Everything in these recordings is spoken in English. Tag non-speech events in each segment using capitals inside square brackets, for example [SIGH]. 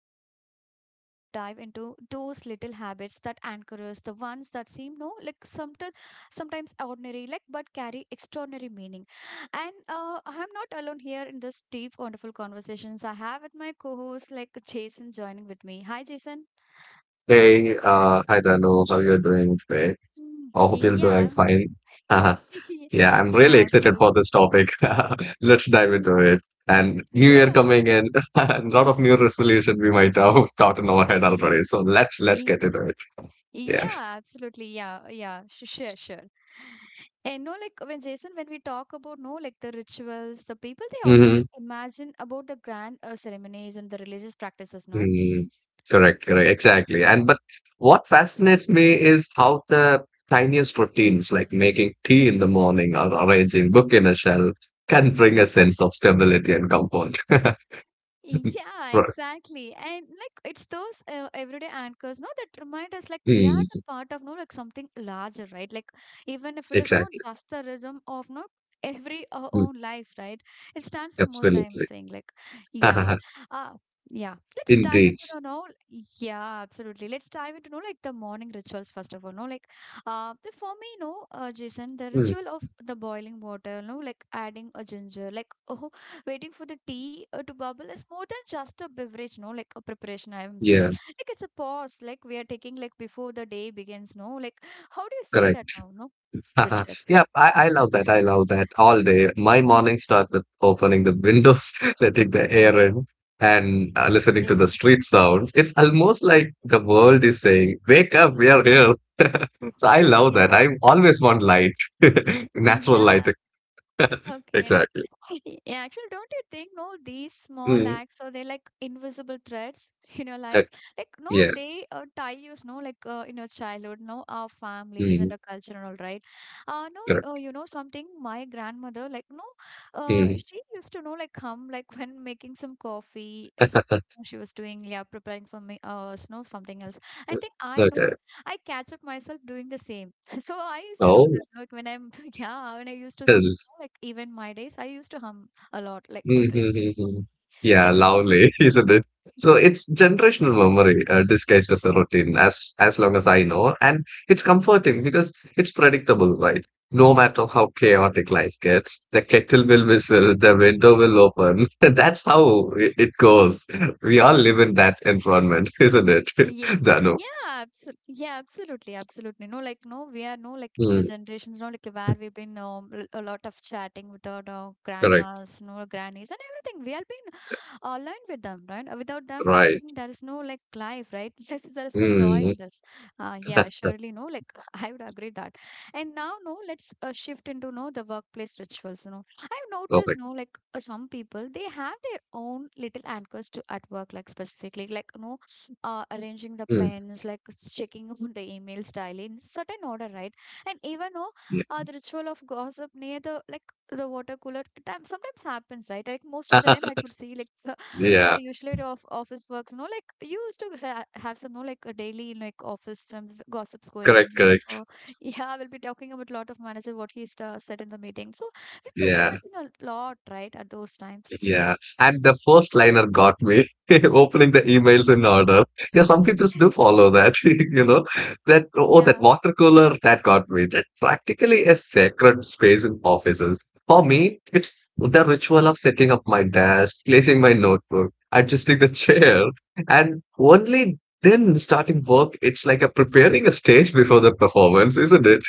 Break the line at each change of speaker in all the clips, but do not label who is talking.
host, and today we are going to dive into those little habits that anchor us, the ones that seem no like sometimes ordinary, like but carry extraordinary meaning. And I'm not alone here in this deep, wonderful conversations I have with my co-host like Jason joining with me. Hi Jason.
Hey, hi Danu, how you're doing today?
Mm.
I hope you're doing
Yeah.
fine. [LAUGHS] Uh,
[LAUGHS]
yeah, I'm really
yeah, of
excited
course.
for this topic. [LAUGHS] Let's dive
Mm.
into it. And New Year
Yeah.
coming in, [LAUGHS] a lot of new resolution we might have [LAUGHS] thought in our
[LAUGHS]
head already. So let's get
Ye-
into it. Yeah.
Yeah, absolutely. Yeah, yeah, sure, sure. And no, like when Jason, when we talk about no, like the rituals, the people they often
Hmm.
imagine about the grand ceremonies and the religious practices, no.
Mm. Correct, correct, exactly. And but what fascinates me is how the tiniest routines, like making tea in the morning or arranging book in a shelf, can bring a sense of stability and comfort. [LAUGHS] Mm.
Yeah,
Right.
exactly. And like it's those everyday anchors, no, that remind us like we are
Mm,
the part of no like something larger, right? Like even if it is not
exactly.
just the rhythm of no every our
Mm,
own life, right? It stands the most I'm
absolutely.
saying like yeah.
[LAUGHS]
Uh yeah. Let's dive
Indeed.
into the no yeah, absolutely. Let's dive into no like the morning rituals first of all. No, like the, for me, no, Jason, the
Mm,
ritual of the boiling water, no, like adding a ginger, like oh waiting for the tea to bubble is more than just a beverage, no, like a preparation, I am saying.
yeah,
Like it's a pause, like we are taking, like before the day begins, no? Like, how do you see that
correct.
now, no,
[LAUGHS]
Richard?
Yeah, I love that. I love that all day. My morning start with opening the windows, [LAUGHS] letting the air in, and listening to
Yeah.
the street sounds. It's almost like the world is saying, Wake up, we are here. [LAUGHS] So I
[LAUGHS]
love that. I
yeah,
always want light, [LAUGHS] natural light.
yeah. Okay.
Exactly.
[LAUGHS] Yeah, actually, don't you think, no, these small
Mm.
acts or they are like invisible threads [LAUGHS] in your
uh,
life? Like, no,
yeah.
they tie you, no, like in your childhood, no, our families
Mm,
and our culture and all, right?
correct.
No, you know something, my grandmother, like, no,
Mm.
she used to know, like, come, like, [LAUGHS] when making some coffee, some
[LAUGHS]
she was doing, yeah, preparing for me, no, something else. I think I know,
Okay.
I catch up myself doing the same. [LAUGHS] So I used to do
Oh.
that, like, when I'm, [LAUGHS] yeah, when I used to some like even my days, I used to hum a lot, like doing workout.
Mm-hmm. Yeah,
And
lovely, [LAUGHS] isn't it? So it's generational memory disguised as a routine, as long as I know, and it's comforting because it's predictable, right? No matter how chaotic life gets, the kettle will whistle, the window will open. [LAUGHS] That's how it goes. [LAUGHS] We all live in that environment, [LAUGHS] isn't it?
yeah,
[LAUGHS] Dano.
yeah, absolutely, absolutely. No, like no, we are no like in the
Mm,
generations, no, like where we've been a lot of chatting with our
correct.
grandmas, no grannies, and everything. We have been aligned with them, right? Without them, I
Right.
think there is no like life, right? [LAUGHS] Yes, there is no joy
Mm,
in this. Yeah, surely no. Like [LAUGHS] I would agree that. And now, no, let's shift into no the workplace rituals. You know, I've noticed
perfect.
no like some people they have their own little anchors to at work, like specifically like no arranging the
Mm,
pens, like [LAUGHS] checking on the emails daily in certain order, right? And even no,
yeah.
the ritual of gossip near the like the water cooler time sometimes happens, right? Like most of the time, I
[LAUGHS]
could see like [LAUGHS] in a
Yeah.
usually the of office works, you know, like you used to have some, you know, like a daily like office some gossips going
Correct.
like
Correct.
[LAUGHS] yeah, we'll be talking about lot of manager what he sta said in the meeting, so we were
Yeah.
discussing a lot right at those times.
Yeah, and the first liner got me [LAUGHS] opening the emails in order. Yeah, some people do
[LAUGHS]
follow that, [LAUGHS] you know, that oh, that
yeah,
water cooler that got me. That practically a sacred space in offices. For me, it's the ritual of setting up my desk, placing my notebook, adjusting the [LAUGHS] chair, and only then starting work. It's like a preparing a stage before the performance, isn't it?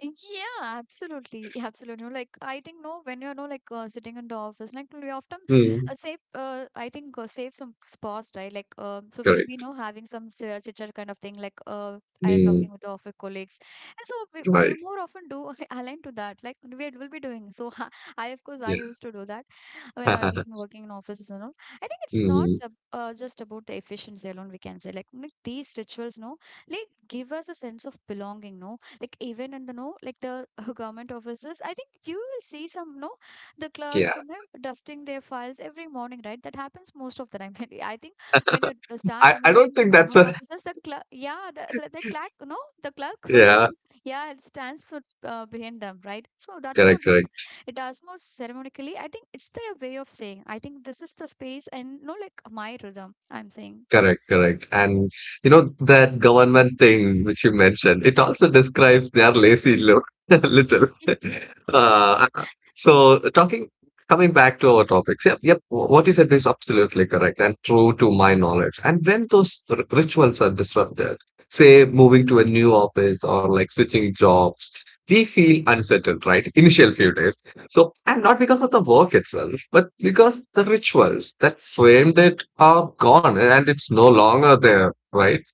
yeah, absolutely, yeah, absolutely. Like I think no, when you're no like sitting in the office, like we often
Hmm.
save. I think save some spots, right? Like so we'll be
Correct.
no having some chit chat kind of thing, like I
Hmm.
talking with the office colleagues, and so we
Right.
more often do [LAUGHS] align to that. Like we will be doing. So [LAUGHS] I of course I used
Yeah.
to do that when I was
[LAUGHS]
working in offices and all. I think it's not
Hmm.
just about the efficiency alone. We can say like these rituals, no, like give us a sense of belonging, no like even in the no, like the [LAUGHS] government offices. I think you will see some no the clerks,
Yeah.
some them dusting their files every morning, right? That happens most of the time, [LAUGHS] I think. When you start
I don't
remembering the
think that's
government
a
offices, the clerk, yeah, the, the clerk, no, the clerk
[LAUGHS]
[LAUGHS] one
yeah,
the, yeah, it stands for behind them, right? So that's not
correct,
like
correct,
it does not ceremonially. I think it's their way of saying, I think this is the space and no like my rhythm, I'm saying.
correct, correct. And you know that government thing which you mentioned it also describes their lazy look [LAUGHS] a little. [LAUGHS] uh, so talking coming back to our topics. Yep, yep, what you said is absolutely correct and true to my knowledge. And when those rituals are disrupted, say moving to a new office or like switching jobs, we feel unsettled, right? Initial few days. So, and not because of the work itself, but because the rituals that framed it are gone and it's no longer there, right?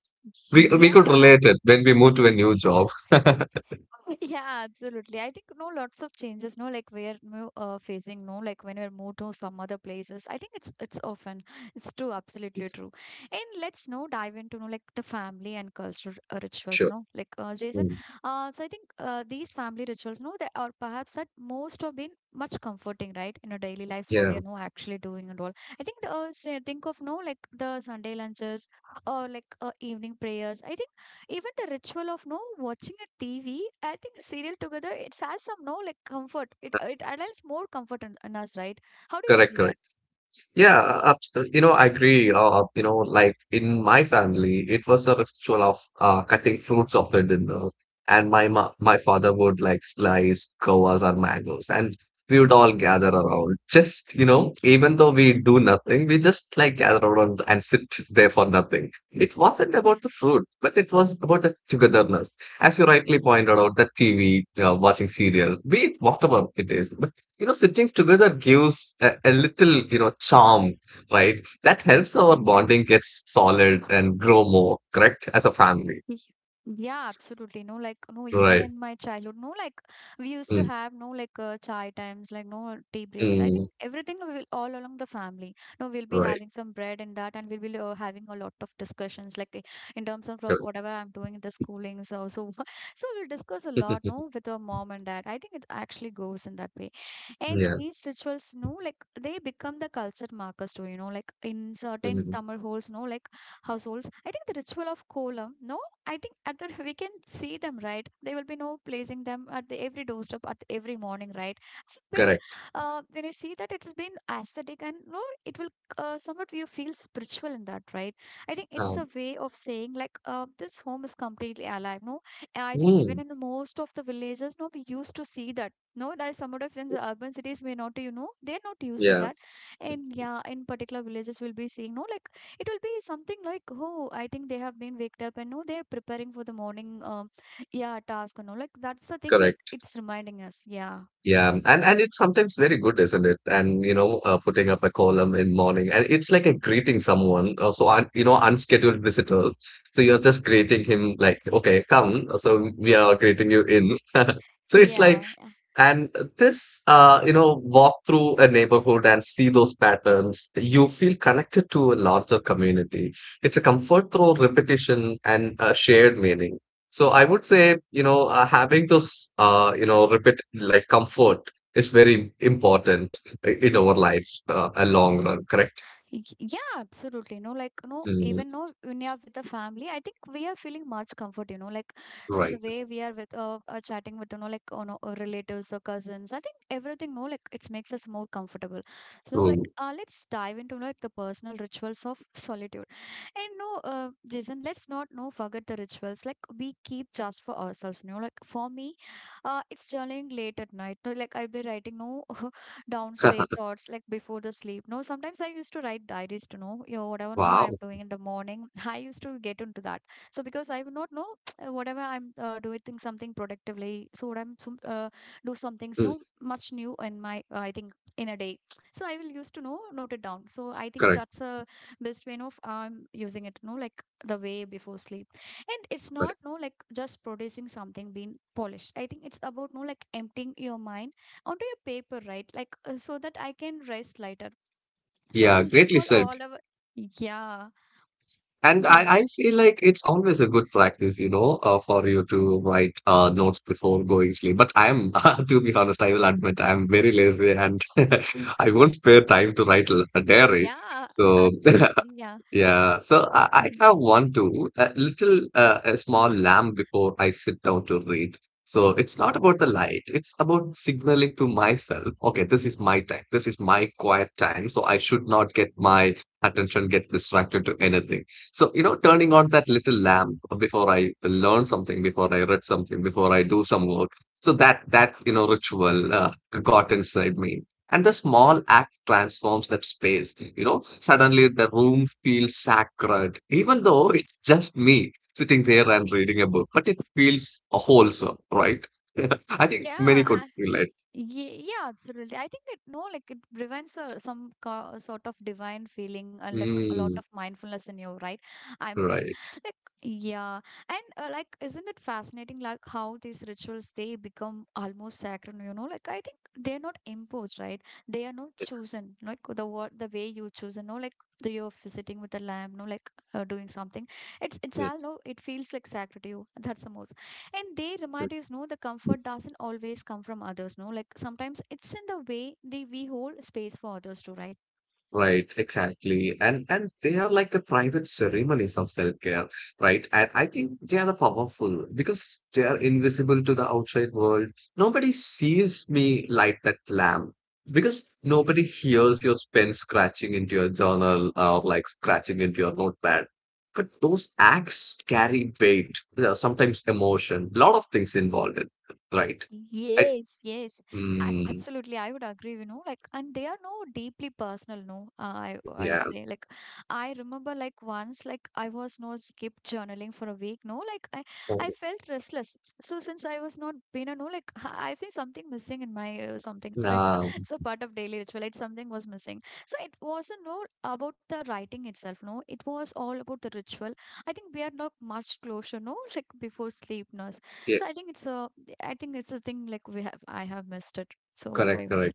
We
Yeah.
could relate it when we move to a new job. [LAUGHS]
[LAUGHS] Yeah, absolutely. I think no, lots of changes. No, like we're facing. No, like when we're moved to some other places. I think it's often it's true, absolutely true. And let's no dive into no, like the family and culture rituals.
Sure.
No, like Jason.
Mm.
So I think these family rituals. No, they are perhaps that most have been much comforting, right? In our daily lives, what you are
Yeah,
no actually doing and all. I think the say, think of no like the Sunday lunches or like evening prayers. I think. Even the ritual of no watching a TV, I think serial together, it has some no like comfort. It adds more comfort in us, right? How do you
correct,
feel
correct.
that?
Yeah, you know, I agree. You know, like in my family, it was a ritual of cutting fruits after dinner, and my father would like slice guavas or mangoes, and we would all gather around. Just you know, even though we do nothing, we just like gather around and sit there for nothing. It wasn't
Yeah,
about the fruit, but it was about the togetherness. As you rightly pointed out, the TV, watching serials, be it whatever it is, you know, sitting together gives a little, you know, charm, right? That helps our
yeah.
bonding gets solid and grow more, correct? As a family,
[LAUGHS] Y- Yeah, absolutely. No, like, no, even
right?
in my childhood, no, like, we used to
Mm,
have no, like, chai times, like, no tea breaks. I think
mm,
everything will all along the family. No, we'll be
right.
having some bread and that, and we'll be having a lot of discussions, like, in terms of
Good.
whatever I'm doing in the schoolings also. [LAUGHS] So we'll discuss a lot, no,
[LAUGHS]
with our mom and dad. I think it actually goes in that way. And
Yeah.
these rituals, no, like, they become the culture markers too, you know, like, in certain
Mm,
Tamil holes, no, like, households. I think the ritual of kolam, no, I think at the [LAUGHS] we can see them, right? There will be no placing them at the every doorstep at every morning, right? It's been
correct.
when you see that it's been aesthetic and no, it will somewhat you feel spiritual in that, right? I think it's a
Um,
way of saying like this home is completely alive. No, and I think even
mm,
in most of the villages, no, we used to see that. No, that some of in the urban cities may not, you know, they're not used to
yeah.
that. And yeah, in particular villages, we'll be seeing no, like it will be something like oh, I think they have been waked up and no they're preparing for the morning, um, yeah, task and all, like that's the thing like
Correct.
it's reminding us, yeah,
Yeah, and it's sometimes very good, isn't it? And you know, putting up a column in morning, and it's like a greeting someone. So you know, unscheduled visitors. So you're just greeting him like, okay, come. So we are greeting you in. [LAUGHS] So it's
yeah.
like, and this, you know, walk through a neighborhood and see those patterns, you feel connected to a larger community. It's a comfort through repetition and shared meaning. So I would say, you know, having those, you know, repeat like comfort is very important in our life, a long run, correct?
Yeah, absolutely. No, like no,
Mm,
even no, when you're with the family, I think we are feeling much comfort. You know, like so the
right.
way we are with chatting with, you know, like on our relatives or cousins. I think everything. No, like it makes us more comfortable. So like
True.
let's dive into like the personal rituals of solitude. And no, Jason, let's not no forget the rituals. Like we keep just for ourselves. You know, like for me, it's journaling late at night. No, like I'll be writing no [LAUGHS] down straight
[LAUGHS]
thoughts like before the sleep. No, sometimes I used to write diaries to know, you know, whatever no
Wow.
I'm doing in the morning. [LAUGHS] I used to get into that. So because I would not know [TSK] whatever I'm doing something productively. So what I'm do some things
Mm,
no much new in my I think in a day. [TSK] So I will used to know note it down. So I think
correct,
that's a best way of I'm using it. No, like the way before sleep and it's not
correct.
no like just producing something being polished. I think it's about no like emptying your mind onto your paper, right? Like, so that I can rest later. So
Yeah,
we'll
greatly
recall
said.
all our. Yeah,
And
go ahead.
I feel like it's always a good practice, you know, for you to write notes before going sleep. But I'm, [LAUGHS] to be honest, I will admit I'm very lazy and [LAUGHS] I won't spare time to write a diary.
Yeah,
So
absolutely. Yeah,
yeah, so I have one too, a little, a small lamp before I sit down to read. So it's not about the light, it's about signaling to myself, okay, this is my time, this is my quiet time, so I should not get my attention get distracted to anything. So, you know, turning on that little lamp before I learn something, before I read something, before I do some work. So you know, ritual got inside me. And the small act transforms that space. You know, suddenly the room feels sacred, even though it's just me sitting there and reading a book, but it feels wholesome, right? [LAUGHS] I think
yeah,
many could relate.
yeah, absolutely. I think it no, like it prevents a sort of divine feeling and like a lot of
Mm,
mindfulness in you, right? I'm saying,
right.
like, yeah, and like, isn't it fascinating, like how these rituals they become almost sacred? You know, like I think they're not imposed, right? They are not chosen, like the what the way you choose, you know, like the you're visiting with a lamb, no, like doing something. It's all
[LAUGHS]
no, it feels like sacred to you. That's the most. And they remind us, no, the comfort doesn't always come from others, no. Like sometimes it's in the way they we hold space for others to, right?
Right, exactly. And they are like the private ceremonies of self-care, right? And I think they are the powerful because they are invisible to the outside world. Nobody sees me light that lamp, because nobody hears your pen scratching into your journal or like scratching into your notepad. But those acts carry weight, sometimes emotion, lot of things involved in, right? I,
Yes, yes. I
mm,
absolutely, I would agree, you know, like and they are no deeply personal, no. I
yeah.
would say like I remember like once like I was no skip journaling for a week, no, like I
Oh,
I felt restless. So since I was not been a no like [LAUGHS] I feel something missing in my something like [LAUGHS]
nah,
it's a part of daily ritual. It something was missing. So it wasn't no about the writing itself, no. It was all about the ritual. I think we are not much closer, no, like before sleep, no.
yeah,
So I think it's a thing like we have I have missed it. So I
correct,
wanted
correct.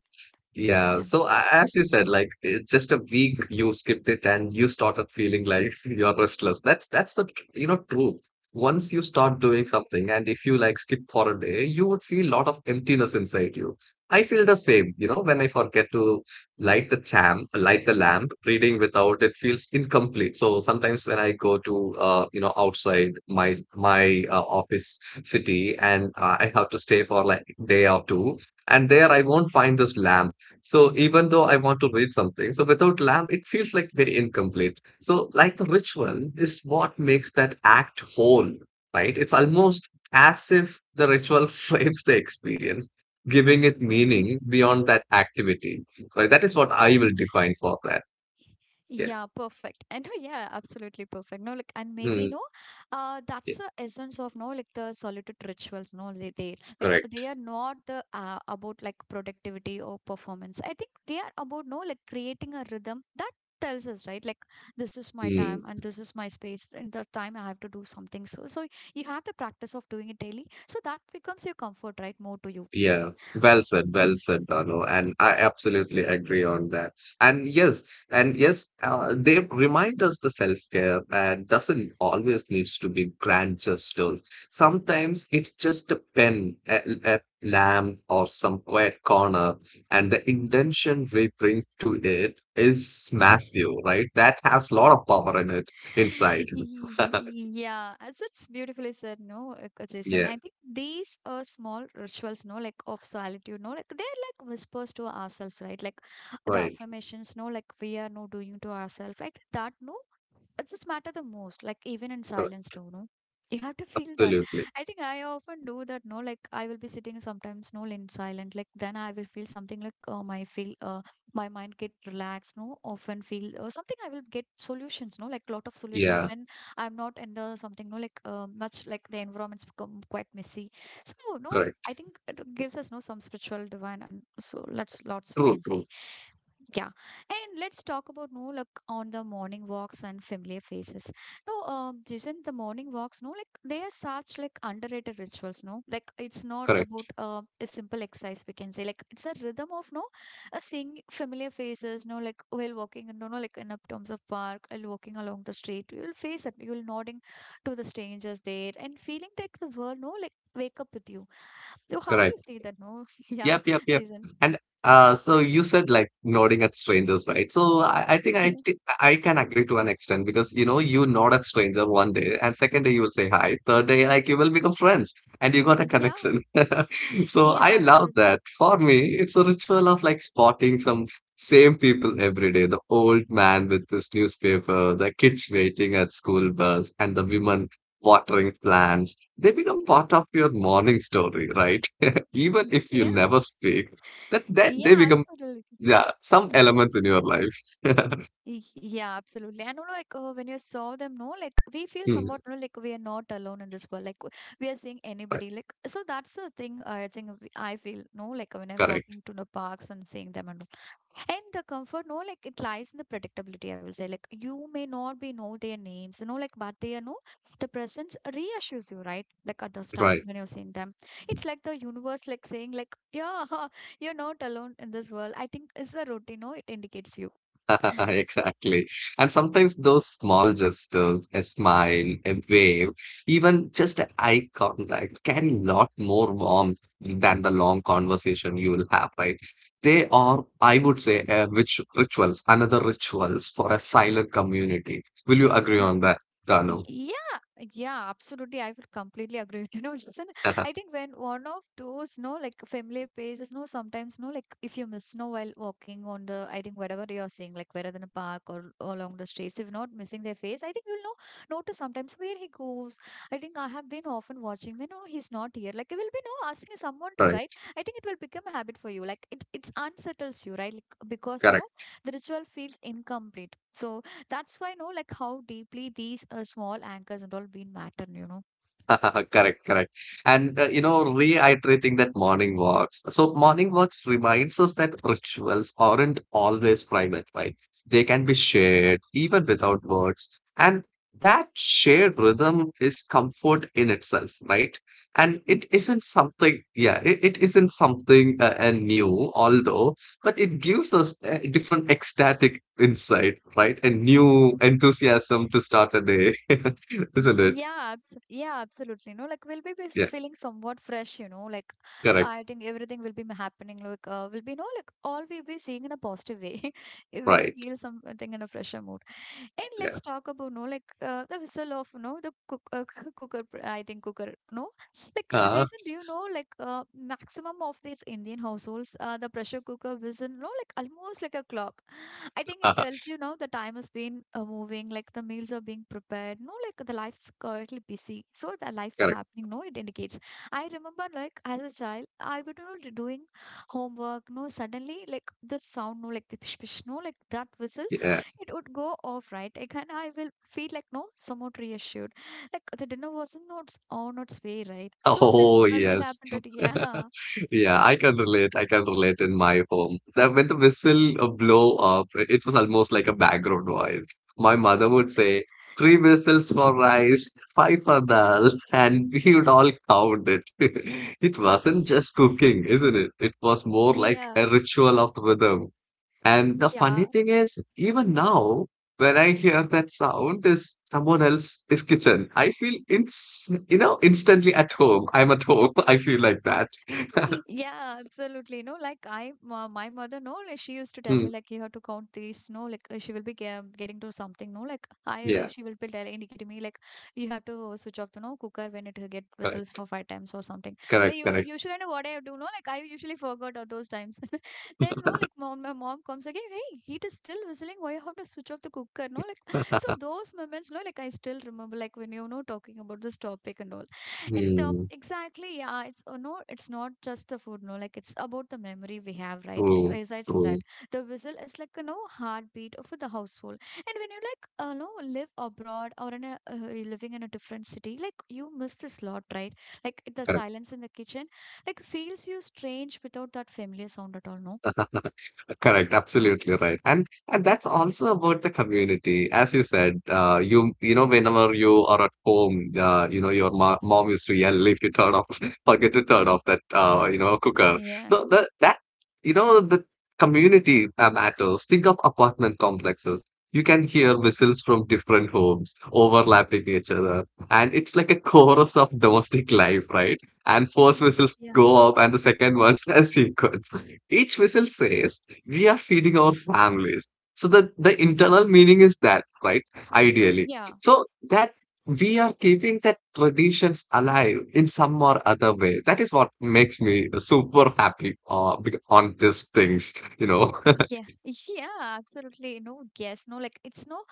Yeah,
yeah.
so as you said, like it's just a week you skipped it and you started feeling like [LAUGHS] you're restless. You know, truth. Once you start doing something and if you like skip for a day, you would feel lot of emptiness inside you. I feel the same, you know, when I forget to light the champ, light the lamp, reading without it feels incomplete. So sometimes when I go to you know, outside my office city and I have to stay for like day or two, and there I won't find this lamp, so even though I want to read something, so without lamp, it feels like very incomplete. So like the ritual is what makes that act whole, right? It's almost as if the ritual [LAUGHS] frames the experience, giving it meaning beyond that activity. Right? That is what I will define for that. Yeah.
Yeah, perfect. And [LAUGHS] yeah, absolutely perfect. No, like, and maybe
Hmm.
no, that's
Yeah.
the essence of no, like the solitude rituals. No, they like they
Correct.
are not the about like productivity or performance. I think they are about no, like creating a rhythm that tells us right, like this is my
Hmm.
time and this is my space. And the time I have to do something. So you have the practice of doing it daily. So that becomes your comfort, right? More to you.
Yeah, well said, Dano, and I absolutely agree on that. And yes, and yes, they remind us the self-care doesn't always needs to be grand gestures. Sometimes it's just a pen, a lamp, or some quiet corner, and the intention we bring to it is massive, right? That has a lot of power in it inside.
[LAUGHS]
[LAUGHS]
Yeah, as it's beautifully said, no, Jason.
Yeah,
I think these are small rituals, no, like of solitude, no, like they're like whispers to ourselves, right? Like the
right,
affirmations, no, like we are no doing to ourselves, right? That, no, it just matter the most like even in silence
correct,
too no you have to feel that
absolutely.
I think I often do that no like I will be sitting sometimes no in silent like then I will feel something like I feel my mind get relaxed no often feel something I will get solutions no like lot of solutions
Yeah,
when I'm not in the something no like much like the environment's become quite messy so no
correct,
I think it gives us no some spiritual divine and so lots lots we
true,
can say
true,
yeah and let's talk about no like on the morning walks and familiar faces no jason the morning walks no like they are such like underrated rituals no like it's not about
correct,
a simple exercise we can say like it's a rhythm of no seeing familiar faces, you know, like while walking, and you know, like in a terms of park, while walking along the street, you'll face it. You'll nodding to the strangers there and feeling that the world, no, like wake up with you. So how do you
correct.
see that? No, [LAUGHS] yeah,
Yep, yep, yep.
reason.
And so you said like nodding at strangers, right? So I think
Yeah,
I can agree to an extent because you know you nod at stranger one day, and second day you will say hi, third day like you will become friends, and you got a
yeah,
connection. [LAUGHS] So I
yeah,
love
absolutely.
that. For me, it's a ritual of like spotting some same people every day. The old man with his newspaper, the kids waiting at school bus, and the women watering plants. They become part of your morning story, right? Even if you
Yeah,
never speak, that that they
yeah,
become
absolutely.
yeah some elements in your life. [LAUGHS]
Yeah, absolutely. And you know, like when you saw them, no, like we feel
Hmm,
somewhat, you know, like we are not alone in this world. Like we are seeing
right,
anybody. Like so, that's the thing. I think we- I feel no, like when I'm
correct,
walking to the parks and seeing them and all. And the comfort, no, like it lies in the predictability. I will say, like you may not be know their names, you know, like but they are no, the presence reassures you, right? Like at this time
right.
when you're seeing them, it's like the universe, like saying, like yeah, [LAUGHS] you're not alone in this world. I think it's the routine. No, it indicates you.
[LAUGHS] Exactly. And sometimes those small gestures, a smile, a wave, even just a eye contact can lot more warmth than the long conversation you will have, right? They are, I would say, rich, rituals, another rituals for a silent community. Will you agree on
Mhm.
that, Dano?
Yeah, yeah, absolutely. I would completely agree with you. [LAUGHS] No, Jason, I
[LAUGHS]
think when one of those, no, like familiar places, no, sometimes, no, like if you miss, no, while walking on the, I think whatever you're seeing, like whether in a park or along the streets, if not missing their face, I think you'll know, notice sometimes where he goes. I think I have been often watching, you know, he's not here. Like you will be, no, asking someone to, right?
Correct,
I think it will become a habit for you. Like it unsettles you, right? Like, because, you know,
correct.
the ritual feels incomplete. So that's why, no, like how deeply these small anchors and all been matter, you know.
[LAUGHS] Correct, correct. And you know, reiterating that morning walks. So morning walks reminds us that rituals aren't always private, right? They can be shared even without words. And that shared rhythm is comfort in itself, right? And
Mm.
it isn't something, yeah, it isn't something new, although, but it gives us a different ecstatic insight, right? A new enthusiasm to start a day, [LAUGHS] isn't it?
Yeah, yeah, absolutely. No, like we'll be
Yeah,
feeling somewhat fresh, you know. Like
correct.
I think everything will be happening. Like will be no, like all we'll be seeing in a positive way [LAUGHS] when you
Right.
feel something in a fresher mood. And
Yeah.
let's talk about no like the whistle of no the cook [LAUGHS] cooker I think cooker no like
Uh-huh,
Jason do you know like maximum of these Indian households the pressure cooker whistle no like almost like a clock I think
[LAUGHS]
it
uh-huh.
tells you now the time has been moving like the meals are being prepared no like the life is currently busy so the life is
Correct.
happening no it indicates I remember like as a child I would you know doing homework no suddenly like the sound no like the pish pish no like that whistle
Yeah.
it would go off, right? Like, and I will feel like no, somewhat reassured. Like the dinner wasn't not on its way, right? So I will
Oh,
I will
yes.
happen to it.
[LAUGHS]
Yeah,
Yeah, I can relate. I can relate in my home. That when the whistle blow up, it was almost like a background noise. My mother would say, three whistles for rice, five for dal, [LAUGHS] and we would all count it. [LAUGHS] It wasn't just cooking, isn't it? It was
[LAUGHS]
more like
yeah,
a ritual of rhythm. And the funny
yeah.
thing is, even now, when I hear that sound, is someone else's kitchen. I feel it's you know instantly at home. I'm at home. [LAUGHS] I feel like that. [LAUGHS]
Yeah, absolutely. No, like I, my mother, no, like she used to tell
Hmm.
me like you have to count these. No, like she will be getting to something. No, like I,
Yeah,
she will be indicating me like you have to switch off the no cooker when it get whistles
correct,
for five times or something. Like
correct,
you,
correct.
usually know what I do. No, like I usually forgot all those times. [LAUGHS] Then no, like mom, my mom comes again. Hey, heat is still whistling. Why you have to switch off the cooker? No, like so
[LAUGHS]
those moments. No, like I still remember like when you know talking about this topic and all. In the
Hmm.
exactly, yeah, it's no, it's not just the food, no, like it's about the memory we have, right? It
True,
resides in
true,
that. The whistle is like a no heartbeat of the household, and when you like no live abroad or in a you're living in a different city, like you miss this lot, right? Like the
correct.
silence in the kitchen, like feels you strange without that familiar sound at all, no?
Correct, absolutely right. And that's also about the community. As you said, whenever you are at home, your mo mom used to yell if you turn off, [LAUGHS] forget to turn off that cooker.
Yeah.
So the that you know, the community matters. Think of apartment complexes. You can hear whistles from different homes overlapping each other, and it's like a chorus of domestic life, right? And first whistles
Yeah.
go up, and the second one [LAUGHS] a sequence. Each whistle says we are feeding our families. So the internal meaning is that, right? Ideally.
Yeah,
So that we are keeping that traditions alive in some or other way. That is what makes me super happy on these things, you know. [LAUGHS]
yeah, [LAUGHS] yeah, absolutely. You know, yes, no, like it's no,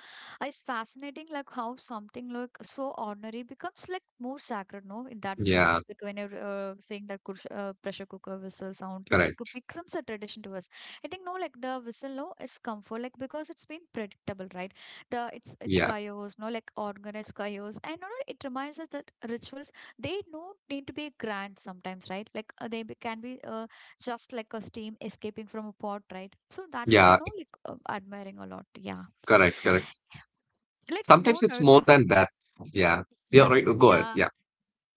it's fascinating, like how something like so ordinary becomes like more sacred, no, in that way.
Yeah,
Like when you're saying that kush, pressure cooker whistle sound, no, like it
correct.
becomes a tradition to us. I think no, like the whistle, no, is comfort, like because it's been predictable, right? The it's
Yeah,
chaos, no, like organized chaos, and no, no, it reminds us that rituals they don't need to be grand sometimes, right? Like they can be. Just like a steam escaping from a pot, right? So that we are
yeah,
no like admiring a lot. Yeah.
correct, correct.
Let's know.
Sometimes it's
No, [LAUGHS]
more than that. Yeah, yeah,
Yeah.
right. Go ahead.
Yeah.
Yeah,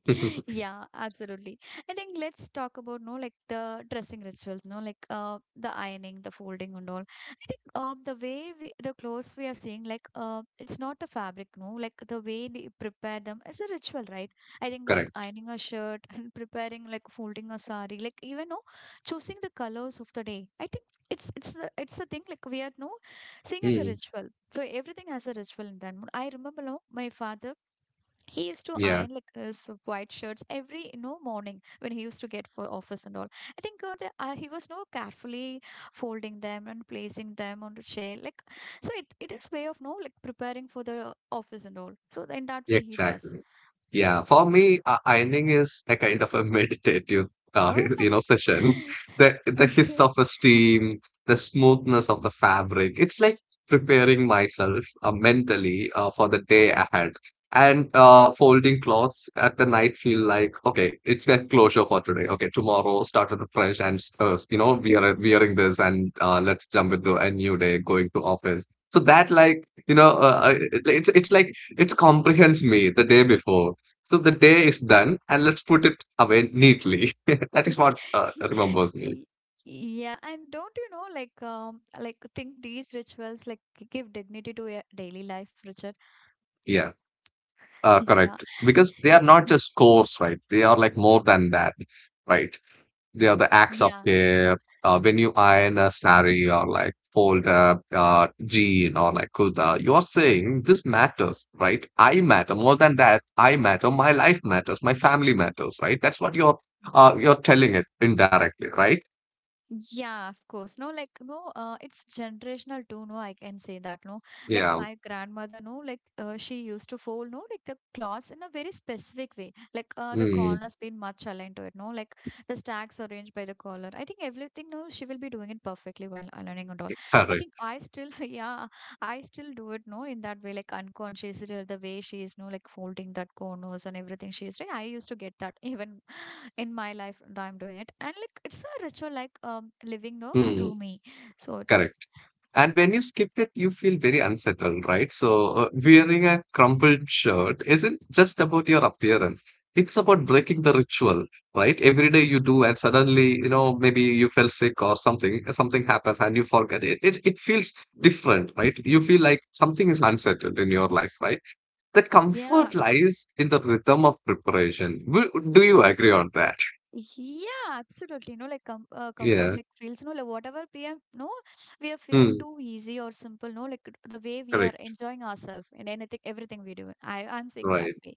[LAUGHS]
[LAUGHS]
Yeah, absolutely. I think let's talk about no like the dressing rituals, no like the ironing, the folding and all. I think the way we, the clothes we are seeing like it's not the fabric, no like the way we prepare them is a ritual, right? I think like
correct.
ironing a shirt [LAUGHS] and preparing like folding a sari, like even no choosing the colors of the day. I think it's the thing like we are no seeing as a
Mm,
ritual. So everything has a ritual in that. I remember no, my father he used to
yeah.
iron like his white shirts every you know morning when he used to get for office and all I think god he was no carefully folding them and placing them on the chair like so it is way of no like preparing for the office and all so in that way he does
Exactly. Yeah, for me, ironing is a kind of a meditative,
oh
[LAUGHS] you know, session.
[LAUGHS]
The hiss
okay
of a steam, the smoothness of the fabric. It's like preparing myself mentally for the day ahead. And folding clothes at the night feel like okay, it's a closure for today. Okay, tomorrow start with a fresh and you know we are wearing this and let's jump into a new day going to office. So that like it's like it comprehends me the day before. So the day is done and let's put it away neatly. [LAUGHS] That is what
[LAUGHS]
remembers me.
Y- yeah and don't you know like think these rituals like give dignity to your daily life Richard
Yeah,
[LAUGHS] yeah
correct. Because they are not
[LAUGHS]
just scores, right? They are like more than that, right? They are the acts of
yeah
care. When you iron a sari or like fold a jean or like kuda, you are saying this matters, right? I matter more than that. I matter. My life matters. My family matters, right? That's what you're telling it indirectly, right?
yeah, of course. No, like no, it's generational too. No, I can say that. No, like
Yeah.
my grandmother. No, like she used to fold. No, like the cloths in a very specific way. Like the
Mm,
corners been much aligned to it. No, like the stacks arranged by the collar. I think everything. No, she will be doing it perfectly while aligning and all. I
correct.
think I still. [LAUGHS] Yeah, I still do it. No, in that way, like unconsciously the way she is. No, like folding that corners and everything she is doing. I used to get that [LAUGHS] even in my life and I'm doing it. And like it's a ritual like living no
Mm,
through me. So that
correct. And when you skip it, you feel very unsettled, right? So, wearing a crumpled shirt isn't just about your appearance. It's about breaking the ritual, right? Every day you do, and suddenly, you know, maybe you fell sick or something, something happens and you forget it. It feels different, right? You feel like something is unsettled in your life, right? The
yeah.
comfort lies in the rhythm of preparation. Wo- Do you agree on that?
Yeah, absolutely. No, like comfort,
Yeah.
like feels. No, like whatever we are, no, we are feeling
Mm,
too easy or simple. No, like the way we are
correct.
enjoying ourselves in anything, everything we do. I'm saying that
Right.
way.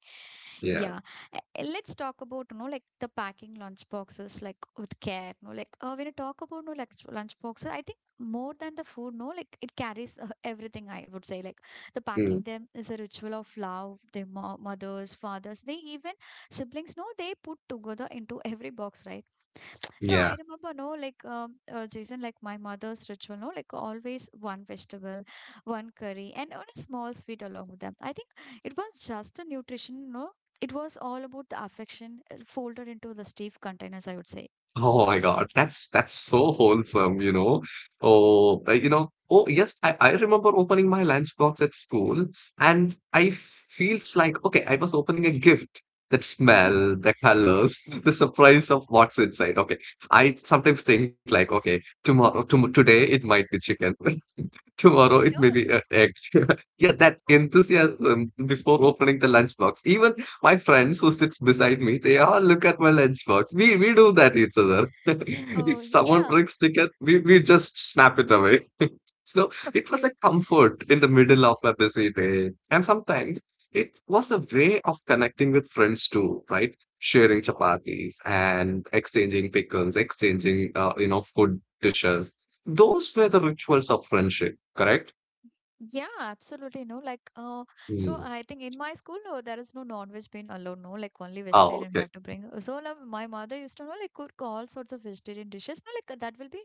Yeah.
Yeah. Uh, Let's talk about, no, like the packing lunch boxes, like with care. No, like when you talk about no, like lunch boxes, I think more than the food. No, like it carries everything. I would say, like the
Hmm.
packing them is a ritual of love. Their mo mothers, fathers, they even siblings no they put together into every box, right? So I
Yeah.
remember no like Jason, like my mother's ritual, no, like always one vegetable, one curry and on a small sweet along with them. I think it was just a nutrition, no, it was all about the affection, folded into the stiff containers, I would say.
Oh my God. That's so wholesome, you know. Oh, you know. Oh, yes, I remember opening my lunchbox at school, and I feels like okay, I was opening a gift. That smell, the colors, [LAUGHS] the surprise of what's inside. Okay, I sometimes think like, okay, tomorrow, tom today it might be chicken. [LAUGHS] Tomorrow it may
Yeah.
be an egg. [LAUGHS] Yeah, that enthusiasm before opening the lunchbox. Even my friends who sits beside me, they all look at my lunchbox. We do that each other. [LAUGHS] If
Oh,
someone
yeah.
brings ticket, we just snap it away. So
[LAUGHS]
it was
Okay.
a comfort in the middle of a busy day. And sometimes it was a way of connecting with friends too, right? Sharing chapatis and exchanging pickles, exchanging, you know, food dishes. Those were the rituals of friendship, correct?
Yeah, absolutely. No, like, so
Mm.
I think in my school, no, there is no non-veg being allowed. No, like only
Oh,
vegetarian we
okay.
have to bring. So like, my mother used to know like cook all sorts of vegetarian dishes. No, like that will be,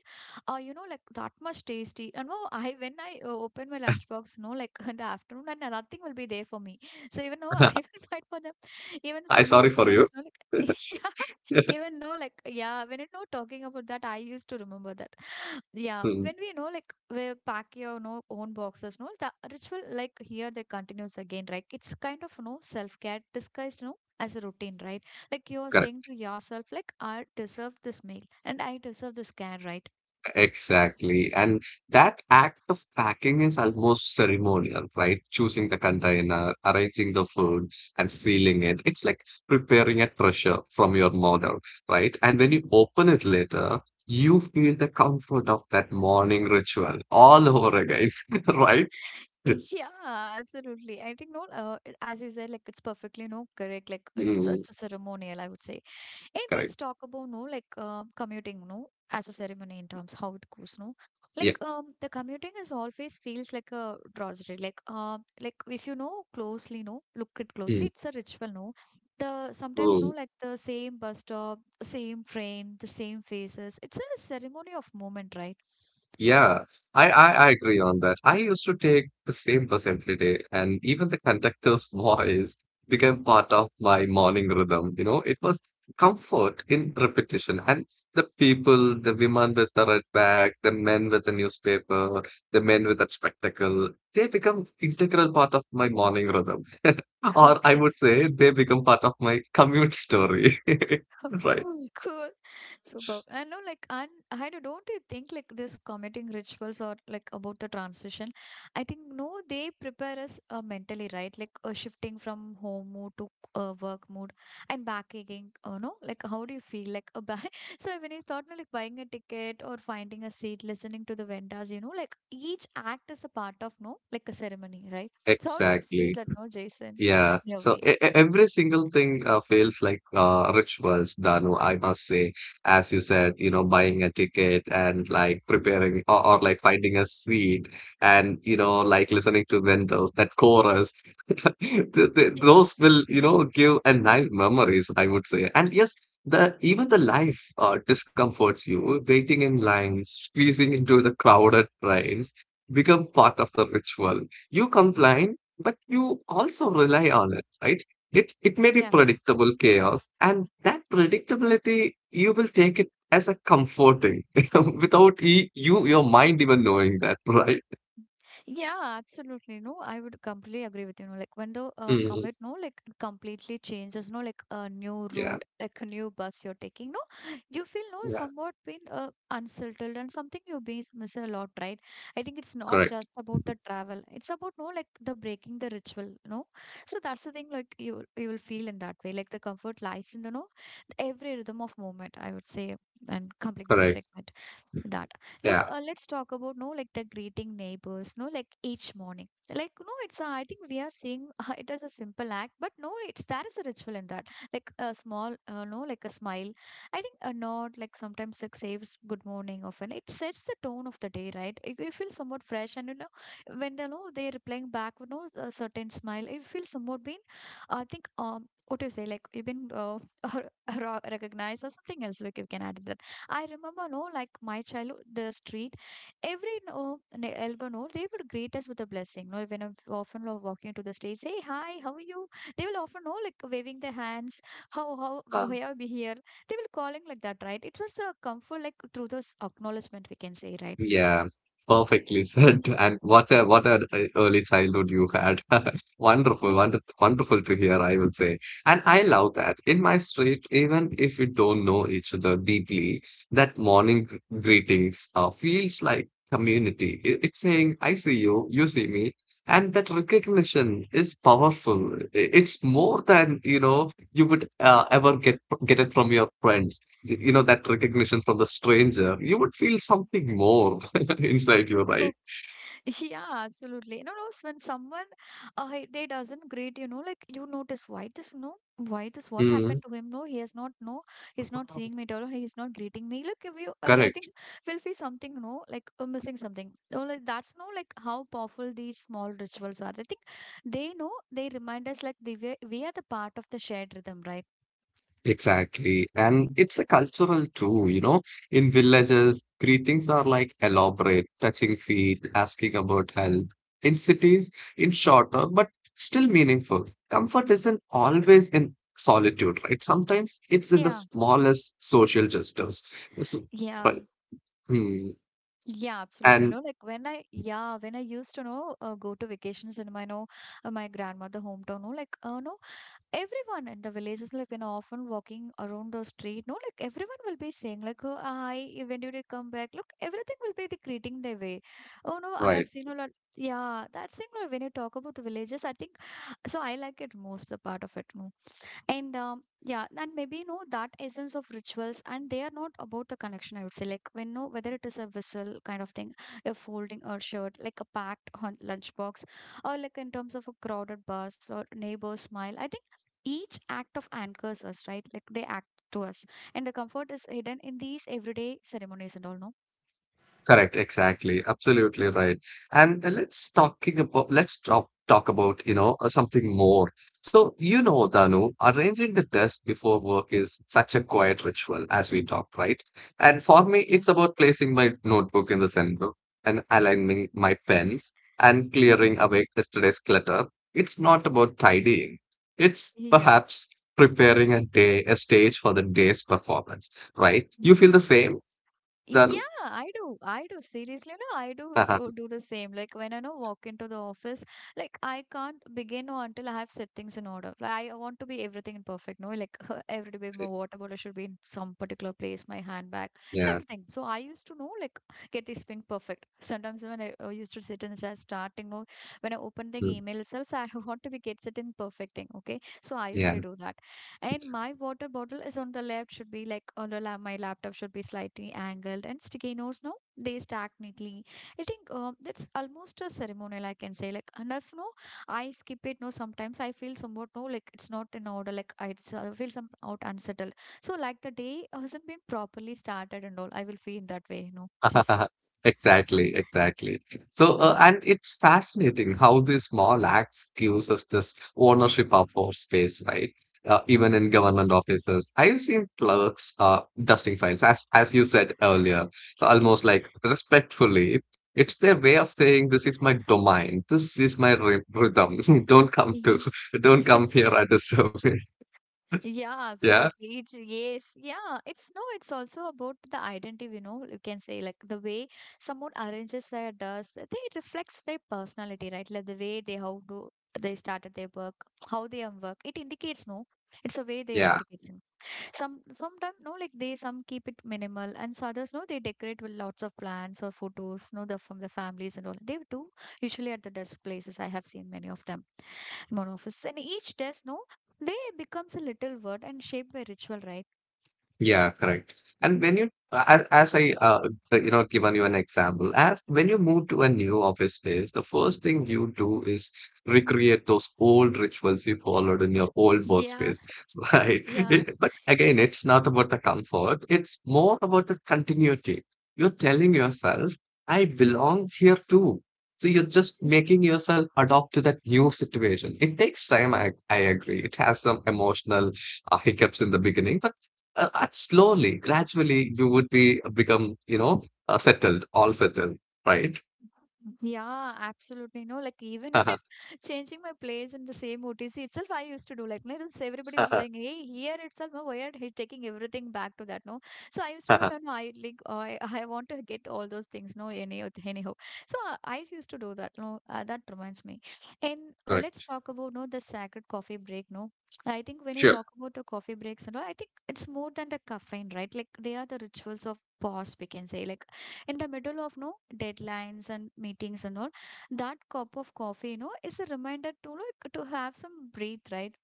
you know, like that much tasty. And no, I when I open my lunchbox, no, like [LAUGHS] in the afternoon, and nothing will be there for me. So even though [LAUGHS] I
[LAUGHS]
will fight for them, even
I
some of
sorry
the
for you.
friends, no, like [LAUGHS]
[LAUGHS]
even no, like yeah, when you know talking about that, I used to remember that. Yeah,
Mm,
when we know like we pack your no own boxes, no the ritual like here they continues again, right? It's kind of no self care disguised no as a routine, right? Like you're saying to yourself, like I deserve this meal and I deserve this care, right?
exactly. And that act of packing is almost ceremonial, right? Choosing the container, arranging the food, and sealing it. It's like preparing a treasure from your mother, right? And when you open it later, you feel the comfort of that morning ritual all over again, [LAUGHS] right?
[LAUGHS] Yeah, absolutely. I think no, it- as you said, like it's perfectly no correct. Like it's
Mm,
it's a ceremonial, I would say. And let's
correct.
talk about no like commuting no as a ceremony in terms how it goes, no,
Yeah.
like the commuting is always feels like a drudgery, like if you know closely no look it closely
Mm,
it's a ritual, no. The sometimes no like the same bus stop, same train, the same faces, it's a ceremony of moment, right?
yeah, I agree on that. I used to take the same bus every day, and even the conductor's [LAUGHS] voice became part of my morning rhythm. You know, it was comfort in repetition, and the people, the women with the red bag, the men with the newspaper, the men with that spectacle, they become integral part of my morning rhythm, [LAUGHS]
[LAUGHS]
or I
Okay.
would say they become part of my commute story. [LAUGHS] Right,
[LAUGHS] Cool. Super. I know, like, and I don't you think like this committing rituals or like about the transition? I think no, they prepare us mentally, right? Like shifting from home mood to work mood and back again. No, like how do you feel? Like a buy? [LAUGHS] So when you thought no, like buying a ticket or finding a seat, listening to the vendors, you know, like each act is a part of no, like a ceremony, right? So how do you feel
exactly.
that no, Jason?
Yeah,
In a
so
way.
every single thing feels like rituals, Danu, I must say. As you said, you know, buying a ticket and like preparing or like finding a seat and, you know, like listening to vendors, that chorus, [LAUGHS] th th
Yeah.
those will, you know, give a nice memories, I would say. And yes, the even the life discomforts you, waiting in lines, squeezing into the crowded trains become part of the ritual. You comply but you also rely on it, right? It may be
Yeah.
predictable chaos, and that predictability you will take it as a comforting [LAUGHS] without you your mind even knowing that, [LAUGHS] right?
Yeah, absolutely. No, I would completely agree with you. No, like when the
Mm,
commute, no, like completely changes, no, like a new
yeah,
route, like a new bus you're taking, no, you feel no
yeah,
somewhat been unsettled and something you be miss a lot, right? I think it's not
correct,
just about the travel; it's about no, like the breaking the ritual, no. So that's the thing, like you will feel in that way, like the comfort lies in the no every rhythm of movement. I would say and complete the
correct,
segment that no
yeah.
let's talk about no like the greeting neighbors no like each morning, like no it's a, I think we are seeing [LAUGHS] it as a simple act but no it's there is a ritual in that. Like a small no like a smile, I think a nod, like sometimes like says good morning, often it sets the tone of the day, right? You feel somewhat fresh and you know, when they know they're replying back with no a certain smile, you feel somewhat been, I think what do you say, like you've been [LAUGHS] recognized or something else, like you can add that. I remember, no, like my childhood, the street, every no, elbow, no, they would greet us with a blessing. No, when I'm often walking to the street, say, "Hi, how are you?" They will often, no, like waving their hands, How, why are we here?" They will calling like that, right? It was a comfort, like through those acknowledgement, we can say, right?
Yeah, perfectly said. [LAUGHS] And what a early childhood you had. [LAUGHS] Wonderful, wonderful to hear, I will say. And I love that. In my street, even if we don't know each other deeply, that morning greetings feels like community. It's saying, I see you, you see me. And that recognition is powerful. It's more than, you know, you would ever get it from your friends. You know that recognition from the stranger. You would feel something more [LAUGHS] inside you, right?
[LAUGHS] [LAUGHS] Yeah, absolutely. You know, when someone they doesn't greet, you know, like you notice why this no, why this what
Mm.
happened to him? No, he has not no, he's not
Oh,
seeing me at all. He's not greeting me. Look, if you, I think
correct,
[LAUGHS] we'll feel something no, like missing something. So like that's no, like how powerful these small rituals are. I think they know they remind us like they we are the part of the shared rhythm, right?
exactly. And it's a cultural too, you know. In villages, greetings are like elaborate, touching feet, asking about health. In cities, it's shorter, but still meaningful. Comfort isn't always in solitude, right? Sometimes it's in the
Yeah.
smallest social gestures.
Yes.
So,
Yeah.
right. Hmm.
Yeah, absolutely. You
And
know, like when I, yeah, when I used to know, go to vacations in my, know, my grandmother hometown, no, like, no, everyone in the villages, like, you know, often walking around the street, no, like everyone will be saying, like, oh, hi, when did you come back? Look, everything will be the greeting their way. Oh, no, I have
right.
seen a lot. Yeah, that's thing, no, when you talk about the villages, I think, so I like it most, the part of it, no. And yeah, and maybe you know that essence of rituals, and they are not about the connection. I would say, like when no, whether it is a whistle kind of thing, a folding a shirt, like a packed lunchbox, or like in terms of a crowded bus or neighbor smile. I think each act of anchors us, right? Like they act to us, and the comfort is hidden in these everyday ceremonies and all. No,
Correct. Exactly. Absolutely right. And let's talk about you know something more. So you know, Danu, arranging the desk before work is such a quiet ritual as we talked, right? And for me,
yeah.
it's about placing my notebook in the center and aligning my pens and clearing away yesterday's clutter. It's not about tidying. It's
Yeah.
perhaps preparing a day, a stage for the day's performance, right? You feel the same, Danu?
Yeah, I do. I do. Seriously, no, I do so do the same. Like when I know walk into the office, like I can't begin or until I have settings in order. Like, I want to be everything in perfect. No, like [LAUGHS] every day my
[LAUGHS]
water bottle should be in some particular place, my handbag and
Yeah,
everything. So I used to know like get this thing perfect. Sometimes when I used to sit in the chat starting, no, when I open the
mm,
email itself, so I [LAUGHS] want to be get it in perfect thing. Okay, so I usually
yeah,
do that. And my water bottle is on the left, should be like on the my laptop should be slightly angled, and sticky notes, no, they stack neatly. I think that's almost a ceremonial, I can say. Like, and if no, I skip it, no, sometimes I feel somewhat no, like it's not in order, like I it's, feel some out unsettled. So, like the day hasn't been properly started and all, I will feel that way, you know, Jason.
[LAUGHS] exactly, exactly. So, and it's fascinating how these small acts gives us this ownership of our space, right? Even in government offices, I've seen clerks dusting files, as you said earlier. So almost like respectfully, it's their way of saying, "This
[LAUGHS]
is my domain. This is my rhythm. [LAUGHS] Don't come to, [LAUGHS] don't
[LAUGHS] Yes.
come here and disturb me." [LAUGHS]
Yeah,
Yeah,
absolutely. It's yes, yeah. It's no, it's also about the identity, you know, you can say like the way someone arranges their dress, they reflects their personality, right? Like the way they how do they started their work, how they work. It indicates no. It's a way they
yeah.
indicates. In. Sometimes no, like they some keep it minimal and so others no, they decorate with lots of plants or photos, no, the from the families and all. They do usually at the desk places. I have seen many of them one office. And each desk, no, they becomes a little word and shaped by ritual, right?
Yeah, correct. And when you, as you know, given you an example, as when you move to a new office space, the first thing you do is recreate those old rituals you followed in your old
Yeah,
workspace, [LAUGHS] right?
yeah.
But again, it's not about the comfort, it's more about the continuity. You're telling yourself, I belong here too. So you're just making yourself adopt to that new situation. It takes time, I agree. It has some emotional hiccups in the beginning, but slowly, gradually, you would be become, you know, settled, all settled, right?
Yeah, absolutely. No, like even [LAUGHS]
[LAUGHS]
I'm changing my place in the same OTC itself. I used to do like no, everybody was going, hey, here itself, no, why are he taking everything back to that? No, so I used to do no, no, I like I want to get all those things. No, anyhow, anyhow. So I used to do that. No, that reminds me. And let's
Correct.
talk about no the sacred coffee break. No, I think when you
Sure.
talk about the coffee breaks and all, I think it's more than the caffeine, right? Like they are the rituals of pause, we can say. Like in the middle of no deadlines and meetings and all that cup of coffee is a reminder to like to have some breathe, right?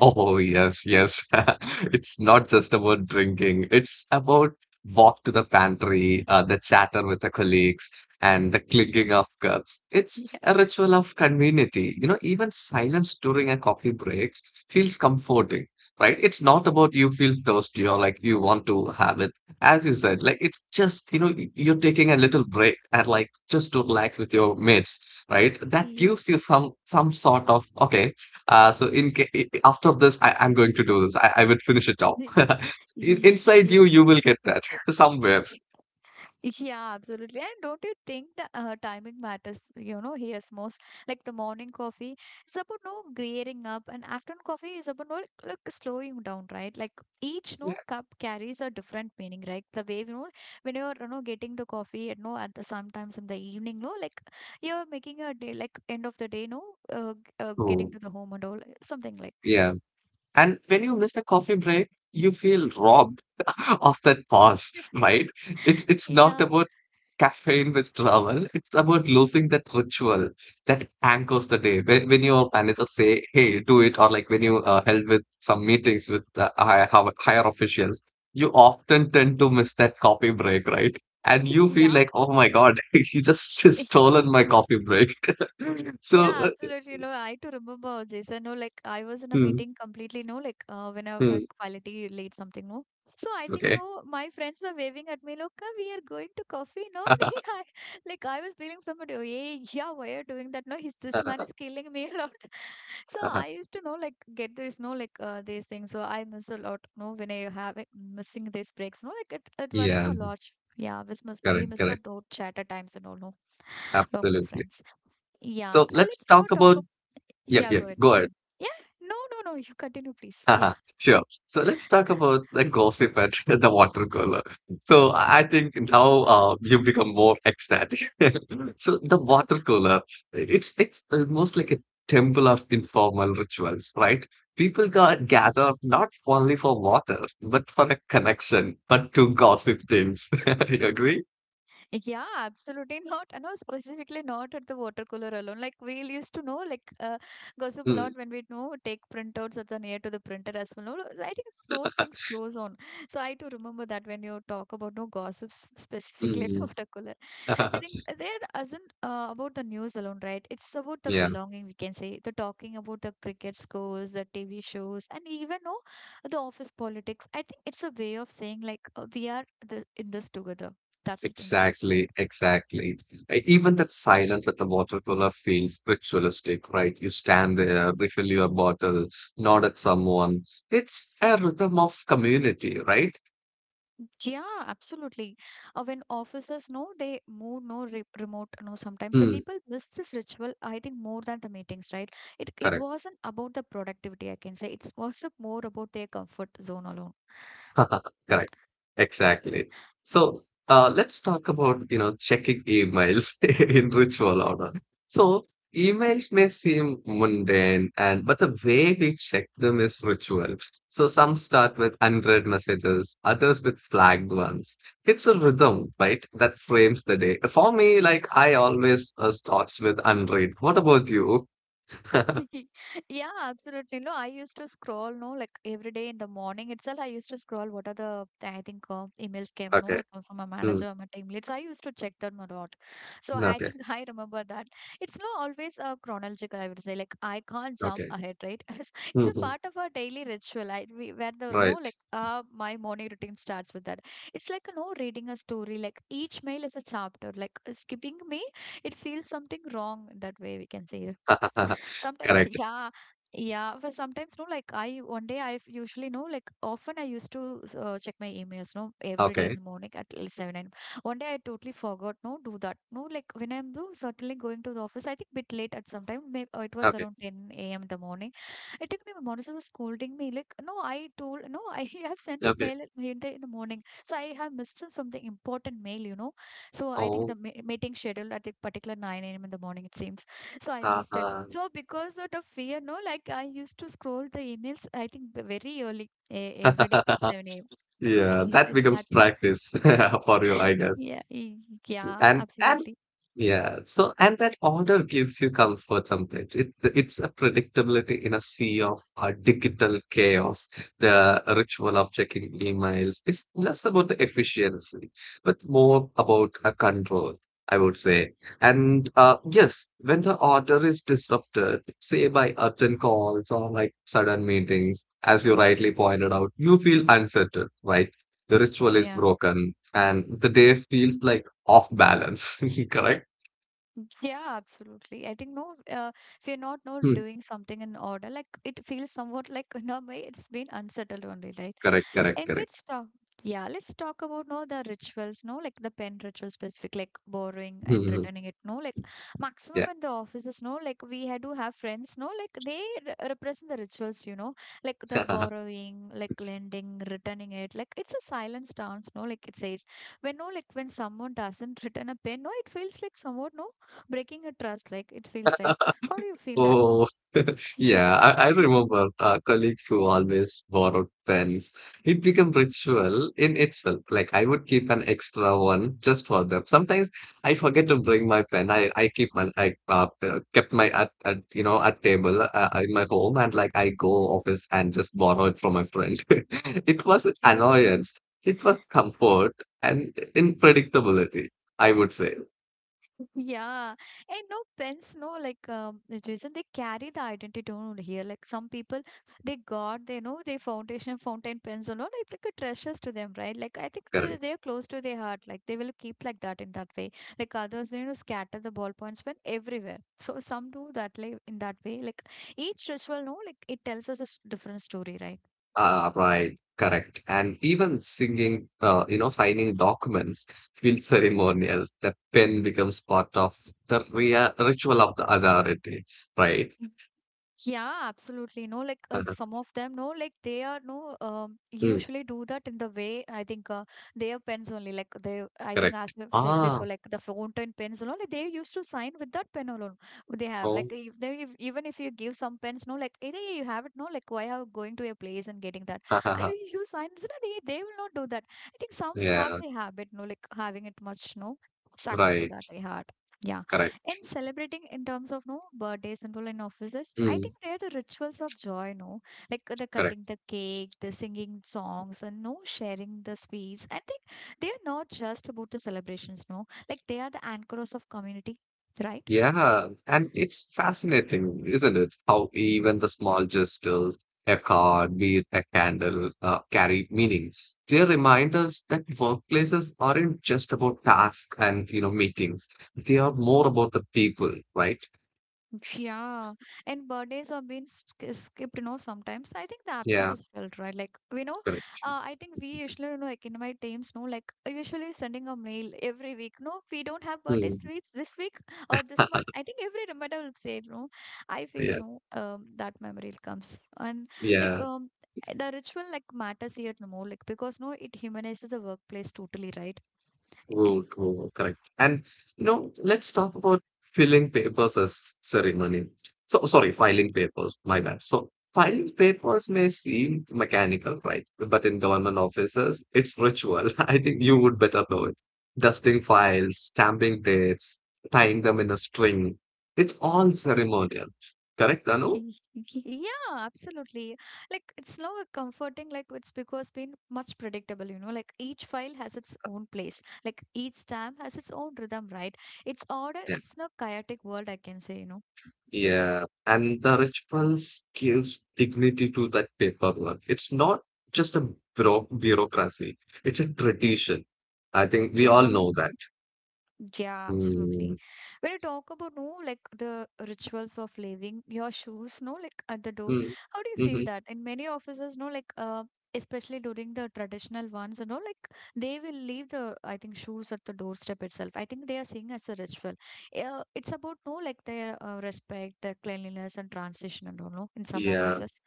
Oh, yes, yes. [LAUGHS] It's not just about drinking. It's about walk to the pantry, the chatter with the colleagues, and the clinking of cups.
[LAUGHS]
It's
yeah
a ritual of community. You know, even silence during a coffee break feels comforting, right? It's not about you feel thirsty or like you want to have it. As you said, like it's just, you know, you're taking a little break and like just to relax with your mates, right? That
yeah
gives you some sort of, okay. So in after this, I'm going to do this. I will finish it off.
[LAUGHS]
[LAUGHS] Inside
yeah.
you, you will get that [LAUGHS] somewhere.
Yeah, absolutely. And don't you think the timing matters, here's most like the morning coffee is about no gearing up and afternoon coffee is about no like slowing down, right? Like each
Yeah.
no cup carries a different meaning, right? The way when you're getting the coffee, at the sometimes in the evening, no, like you're making a day like end of the day, no, getting
Oh,
to the home and all something like
yeah. And when you miss a coffee break, you feel robbed [LAUGHS] of that pause, right? It's not
yeah,
about caffeine withdrawal. It's about losing that ritual that anchors the day. When your manager say, "Hey, do it," or like when you held with some meetings with higher officials, you often tend to miss that coffee break, right? And
[LAUGHS]
you feel
yeah.
like, "Oh my God, [LAUGHS] he just stolen my coffee
[LAUGHS]
break." [LAUGHS] So,
Yeah, absolutely. No, I to remember, Jason. No, like I was in a
mm,
meeting completely. No, like when I like
mm,
quality late something. No, so I think
okay,
no, my friends were waving at me. Look, we are going to coffee. No, [LAUGHS] I, like I was feeling from it. Oh, yeah, yeah, why are you doing that? No, he's this man
uh,
is killing me a lot. [LAUGHS] So
uh, uh,
I used to know like get this. No, like these things. So I miss a lot. No, when I have it, missing these breaks. No, like it worry
yeah.
me a lot. Yeah, we miss we
Correct,
miss the
correct.
door chat at times and all. No, along with the
Absolutely.
friends. Yeah,
So let's
let's now
talk
talk
about.
about.
Yep,
Yeah, go
yep.
ahead,
Go
go
ahead.
ahead. Yeah, no, no, no, you continue,
[LAUGHS]
please. Yeah.
Haha, sure. So let's talk about the gossip at [LAUGHS] the water cooler. So I think now you become more ecstatic. [LAUGHS] So the water cooler, it's almost like a temple of informal rituals, right? People got gather not only for water, but for a connection, but to gossip things. [LAUGHS] You agree?
Yeah, absolutely not. No, specifically not at the water cooler alone. Like we used to know, like gossip a
Mm,
lot when we know take printouts at the near to the printer as well. No, no, I think it's those things goes on. So I do remember that when you talk about no gossips specifically at [LAUGHS] water cooler. I think
mm.
there isn't about the news alone, right? It's about the
[LAUGHS]
belonging, we can say. The talking about the cricket scores, the TV shows, and even no, the office politics. I think it's a way of saying like we are the, in this together. That's it indicates, right?
Exactly, exactly. Even that silence at the water cooler feels ritualistic, right? You stand there, refill your bottle, nod at someone. It's a rhythm of community, right?
Yeah, absolutely. When officers know they move no remote, no sometimes the
Hmm,
people miss this ritual. I think more than the meetings, right? It
correct.
wasn't about the productivity. I can say it was [LAUGHS] more about their comfort zone alone.
[LAUGHS] Correct. Exactly. So let's talk about checking emails [LAUGHS] in ritual order. So emails may seem mundane, and but the way we check them is ritual. So some start with unread messages, others with flagged ones. It's a rhythm, right? That frames the day. For me, like I always starts with unread. What about you? [LAUGHS]
[LAUGHS] Yeah, absolutely. No, I used to scroll, no, like every day in the morning itself, I used to scroll what are the, I think, emails came, no,
Okay.
like from my
Mm.
manager or my team leads. I used to check them a lot. So I
Okay.
think [LAUGHS] I remember that. It's not always a chronological, I would say. Like, I can't jump
Okay.
ahead, right? [LAUGHS] It's
Hmm,
a
hmm.
part of our daily ritual. I, we, where the,
Right.
no, like, my morning routine starts with that. It's like, no, reading a story. Like, each mail is a chapter. Like, skipping me, it feels something wrong that way, we can say
[LAUGHS]
sometimes
Correct.
[LAUGHS] yeah yeah, but sometimes no like I one day I usually know like often I used to check my emails no every day in
Okay.
the morning at 7 a.m. One day I totally forgot no do that no like when I'm though certainly going to the office I think bit late at some time, maybe it was
Okay.
around 10 a.m. in the morning. It took me my monitor was scolding me like no I told no [LAUGHS] I have sent you
Okay.
mail in the morning. So I have missed something important mail, you know. So I think
Oh.
the meeting scheduled at the particular 9 a.m. in the morning, it seems so I missed it.
Uh-huh.
So because of the fear, no, like I used to scroll the emails, I think very early, every day,
[LAUGHS]
7 a.m.
Yeah,
I
that
should
becomes
start.
practice [LAUGHS] for you, I guess.
Yeah,
So,
yeah,
and
absolutely.
yeah, so and that order gives you comfort sometimes. It's a predictability in a sea of digital chaos. The ritual of checking emails is less about the efficiency, but more about a control, I would say. And yes, when the order is disrupted, say by urgent calls or like sudden meetings, as you rightly pointed out, you feel uncertain, right? The ritual is
Yeah.
broken, and the day feels like off balance. [LAUGHS] Correct?
Yeah, absolutely. I think no, if you're not
Hmm.
doing something in order, like it feels somewhat like in a way it's been unsettled only, right?
Correct, correct,
And
correct.
let's talk. Yeah, let's talk about no the rituals, no like the pen ritual specific, like borrowing and returning
[LAUGHS]
it. No, like
Yeah.
maximum in the offices, no like we had to have friends, no like they re represent the rituals, like the
[LAUGHS]
borrowing, like lending, returning it. Like it's a silent stance, no like it says when no like when someone doesn't [LAUGHS] return a pen, no it feels like somewhat no breaking a trust, like it feels right. How do you feel that one?
Oh, [LAUGHS]
[LAUGHS] yeah
yeah, I remember colleagues who always borrowed pens. It became ritual in itself. Like I would keep an extra one just for them. Sometimes I forget to bring my pen. I keep my I kept my at you know at table in my home and like I go office and just borrow it from my friend. [LAUGHS] It was
okay [LAUGHS]
annoyance. It was comfort and unpredictability. I would say.
yeah. And no pens no like Jason, they carry the identity on here. Like some people they got they know their foundation fountain pens and all, it's like a treasures to them, right? Like I think the,
Correct.
they're close to their heart, like they will keep like that in that way. Like others they scatter the ballpoints pen everywhere, so some do that like in that way. Like each ritual no like it tells us a different story, right?
Right, correct. And even singing, you know, signing documents feels ceremonial. The pen becomes part of the rea ritual of the authority, right?
Yeah, absolutely. No, like
Uh,
some of them, no, like they are no,
mm,
usually do that in the way I think they have pens only. Like they, I think as
correct.
we've said
Ah,
before, like the fountain pens and all, like they used to sign with that pen alone. They have like
oh,
if they if, even if you give some pens, no, like either you have it, no, like why are going to a place and getting that? [LAUGHS]
[LAUGHS]
You sign, it's not- they will not do that. I think some have
yeah,
the habit, no, like having it much, no, sacred to
right,
that, I heart. Yeah
correct.
in celebrating in terms of no birthdays and all in offices I
Mm,
think they are the rituals of joy no, like the
correct.
cutting the cake the singing songs and no sharing the sweets. I think they are not just about the celebrations no like they are the anchors of community, right.
Yeah, and it's fascinating, isn't it? How even the small gestures, a card, be it a candle, carry meaning. They remind us that workplaces aren't just about tasks and, you know, meetings. They are more about the people, right?
Yeah, and birthdays are being skipped, sometimes. I think the absence
Yeah,
is felt, right? Like,
correct.
I think we usually, like in my teams, no, like usually sending a mail every week. No, we don't have birthdays
Hmm.
this week or this month.
[LAUGHS]
I think every reminder will say, no, I feel
Yeah,
no, that memory comes. And like,
yeah.
the ritual like matters here no more, like, because no, it humanizes the workplace totally, right?
True, true, correct. And you know, let's talk about filling papers as ceremony. So sorry, filing papers, my bad. So filing papers may seem mechanical, right? But in government offices, it's ritual. [LAUGHS] I think you would better know it. Dusting files, stamping dates, tying them in a string. It's all ceremonial. Correct, Anu?
Yeah, absolutely. Like it's now a comforting, like it's because been much predictable, like each file has its own place. Like each stamp has its own rhythm, right? It's order, it's no chaotic world, I can say, you know.
Yeah, and the rituals gives dignity to that paperwork. It's not just a bureaucracy, it's a tradition. I think we all
Yeah.
know that.
Yeah,
Mm.
absolutely. When you talk about no, like the rituals of leaving your shoes, no, like at the door,
Mm.
how do you feel
Hmm.
that? In many offices, no, like especially during the traditional ones, like they will leave the I think shoes at the doorstep itself. I think they are seeing as a ritual. It's about no, like their respect, their cleanliness, and transition, and all, no, in some
Yeah.
offices.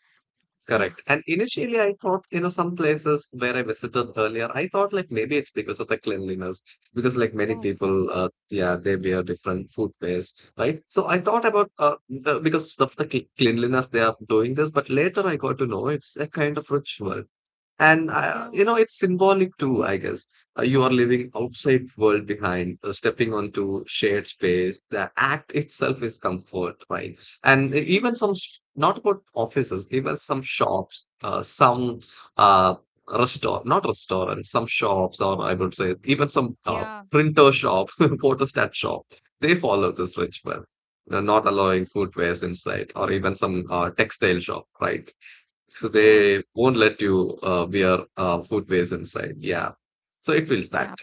Yeah.
Correct. And initially, I thought, you know, some places where I visited earlier, I thought like maybe it's because of the cleanliness, because like many
Okay.
people, yeah, they wear different footwears, right? So I thought about because of the cleanliness they are doing this, but later I got to know it's a kind of ritual. And
Yeah.
you know, it's symbolic too, I guess. You are leaving outside world behind, stepping onto shared space. The act itself is comfort, right? And even
Mm.
some, not about offices, even some shops, some uh, restaurant, not restaurants, some shops, or I would say even some
Yeah.
printer shop, [LAUGHS] photostat shop, they follow this ritual. They're not allowing food waste inside, or even some textile shop, right? So
Yeah.
they won't let you wear footwears inside. Yeah. So it feels that.
Yeah.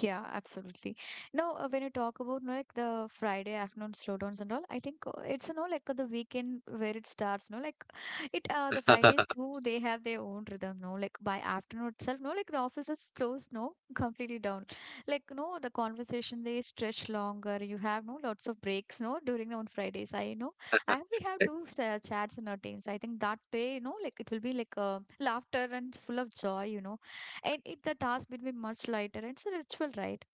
Yeah, absolutely. No, when you talk about no, like the Friday afternoon slowdowns and all, I think it's the weekend where it starts. No, like [SIGHS] it the Fridays too. They have their own rhythm. No, like by afternoon itself. No, like the office is closed. No, [LAUGHS] completely down. Like no, the conversation they stretch longer. You have no lots of breaks. No, during the on Fridays. I know. I we have two chats in our teams. I think that day. No, like it will be like laughter and full of joy. You know and it the task will be much lighter and it's a ritual right.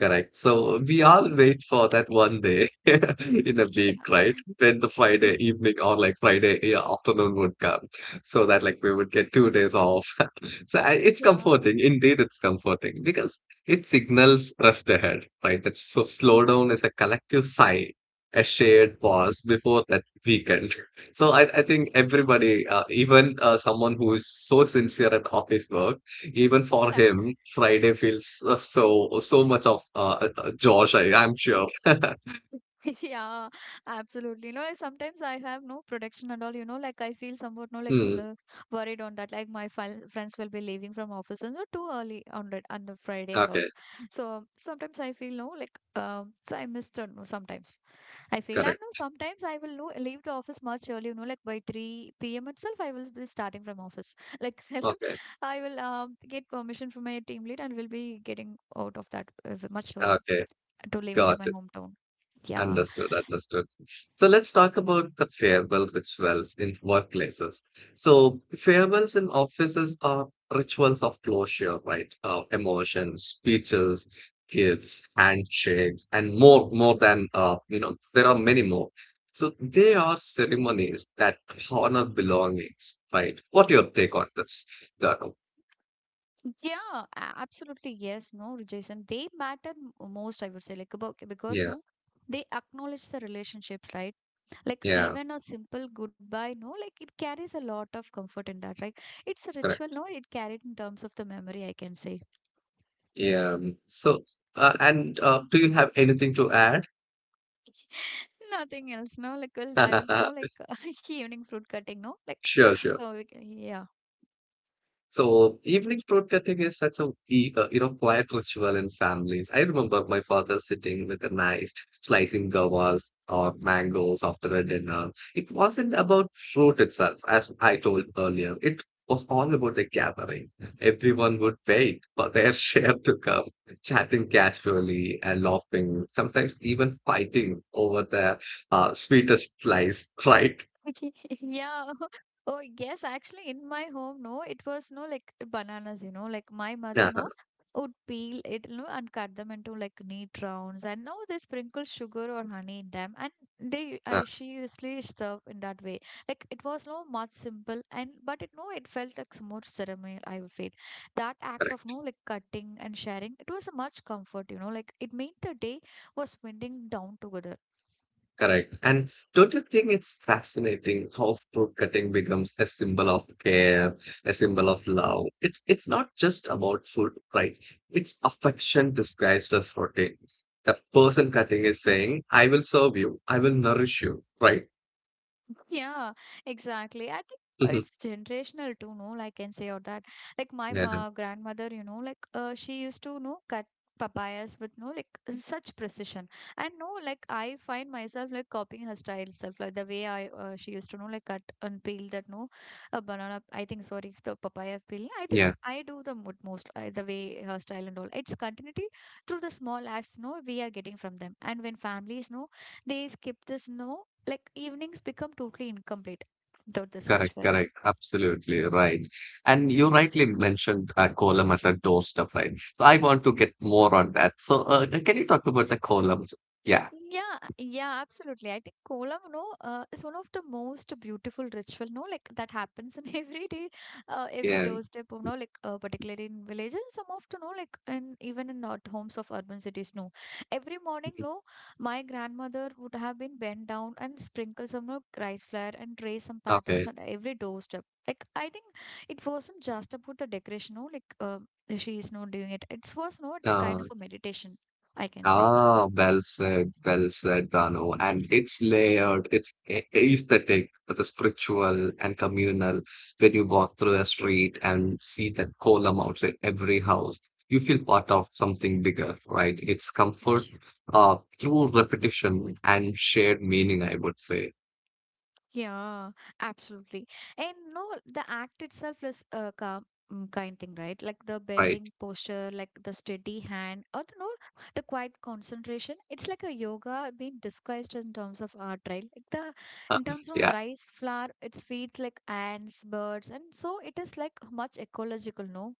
Correct. So we all wait for that one day [LAUGHS] in a
[LAUGHS] yeah
week, right? When the Friday evening or like Friday yeah, afternoon would come, so that like we would get 2 days off. [LAUGHS] So I, it's
yeah
comforting. Indeed, it's comforting because it signals rest ahead, right? That so slow down is a collective sigh, a shared pause before that weekend. [LAUGHS] So I think everybody, even someone who is so sincere at office work even for
yeah
him, Friday feels so so much
[LAUGHS]
of Josh, I'm sure.
Yeah, absolutely. No, I sometimes I have no production and all, like I feel somewhat no like
Hmm.
worried on that. Like my friends will be leaving from office and so too early on the Friday and all.
Okay,
So sometimes I feel no like so I missed out no sometimes. I feel and no,
correct.
sometimes I will know leave the office much early, like by 3 p.m. itself, I will be starting from office. [LAUGHS] Like self,
Okay,
I will get permission from my team lead and will be getting out of that much early
okay,
to leaving to
got
my hometown. Yeah.
Understood, understood. So let's talk about the farewell rituals in workplaces. So farewells in offices are rituals of closure, right? Emotions, speeches, gifts, handshakes, and more, more than you know, there are many more. So they are ceremonies that honor belongings, right? What your take on this, Dharu?
Yeah, absolutely. Yes, no, Jason. They matter most, I would say, like about because
Yeah,
no, they acknowledge the relationships, right? Like
yeah,
even a simple goodbye, no, like it carries a lot of comfort in that, right? It's a ritual,
correct.
no, it carried in terms of the memory, I can say.
Yeah. So and do you have anything to add?
Nothing else, no? Like, we'll dive into, no,
[LAUGHS]
like, [LAUGHS] evening fruit cutting, no? Like,
Sure, sure.
so, we can, yeah.
So evening fruit cutting is such a you know quiet ritual in families. I remember my father sitting with a knife, slicing guavas or mangoes after a dinner. It wasn't about fruit itself, as I told earlier. It was all about the gathering. Everyone would wait for their [LAUGHS] share to come, chatting casually and laughing, sometimes even fighting over the sweetest slice, [LAUGHS] right?
[LAUGHS] Yeah. [LAUGHS] Oh, yes. Actually, in my home, no, it was no like bananas, you know, like my mother,
Yeah,
no, would peel it, you know, and cut them into like neat rounds. And now they sprinkle sugar or honey in them. And
yeah.
she usually serve in that way. Like it was no much simple. And, but it, no, it felt like some more ceremony, I would feel. That act of, no, like cutting and sharing, it was a much comfort, you know, like it made the day was winding down together.
Correct. And don't you think it's fascinating how fruit cutting becomes a symbol of care, a symbol of love? It's not just about food, right? It's affection disguised as protein. The person cutting is saying, I will serve you, I will nourish you, right?
Yeah, exactly. I think
Mhm.
it's generational too, no? Like, I can say or that. Like my
Yeah.
ma grandmother, you know, like she used to, know, cut papayas with no like such precision. And no, like I find myself like copying her style itself, like the way I she used to know like cut and peel that no, a banana. I think sorry, the papaya peel. I think
Yeah.
I do the most the way her style and all. It's continuity through the small acts, no, we are getting from them. And when families, no, they skip this no like evenings become totally incomplete without this
Correct,
ritual.
correct. Absolutely right. And you rightly mentioned column as a doorstep, right? So I want to get more on that. So can you talk about the columns? Yeah.
Yeah, absolutely. I think Kolam, you know, is one of the most beautiful ritual, no, like that happens in [LAUGHS] every day, every
Yeah.
doorstep, you know, like particularly in village and some of, you know, like in even in not homes of urban cities, no. Every morning,
Mm-hmm.
no, my grandmother would have been bent down and sprinkle some you know, rice flour and trace some patterns
Okay.
on every doorstep. Like I think it wasn't just about the decoration, no, she is not doing it. It was not kind
Uh,
of a meditation, I can say.
ah, well said, Dano. And it's layered, it's aesthetic, the spiritual and communal. When you walk through the street and see that column outside every house, you feel part of something bigger, right? It's comfort, through repetition and shared meaning, I would say,
Yeah, absolutely. And no, the act itself is a calm, kind thing, right? Like the
right?
bending posture, like the steady hand, or the, no, the quiet concentration. It's like a yoga being disguised in terms of art, right? Like the in
[LAUGHS]
terms of the
Yeah.
rice flour, it feeds like ants, birds, and so it is like much ecological. No,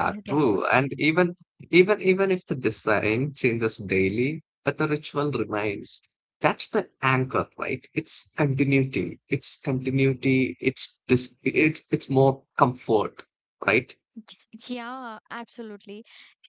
when you talk about
true.
that.
And even even if the design changes daily, but the ritual remains. That's the anchor, right? It's continuity. It's continuity. It's this. It's more comfort, right?
Yeah, absolutely.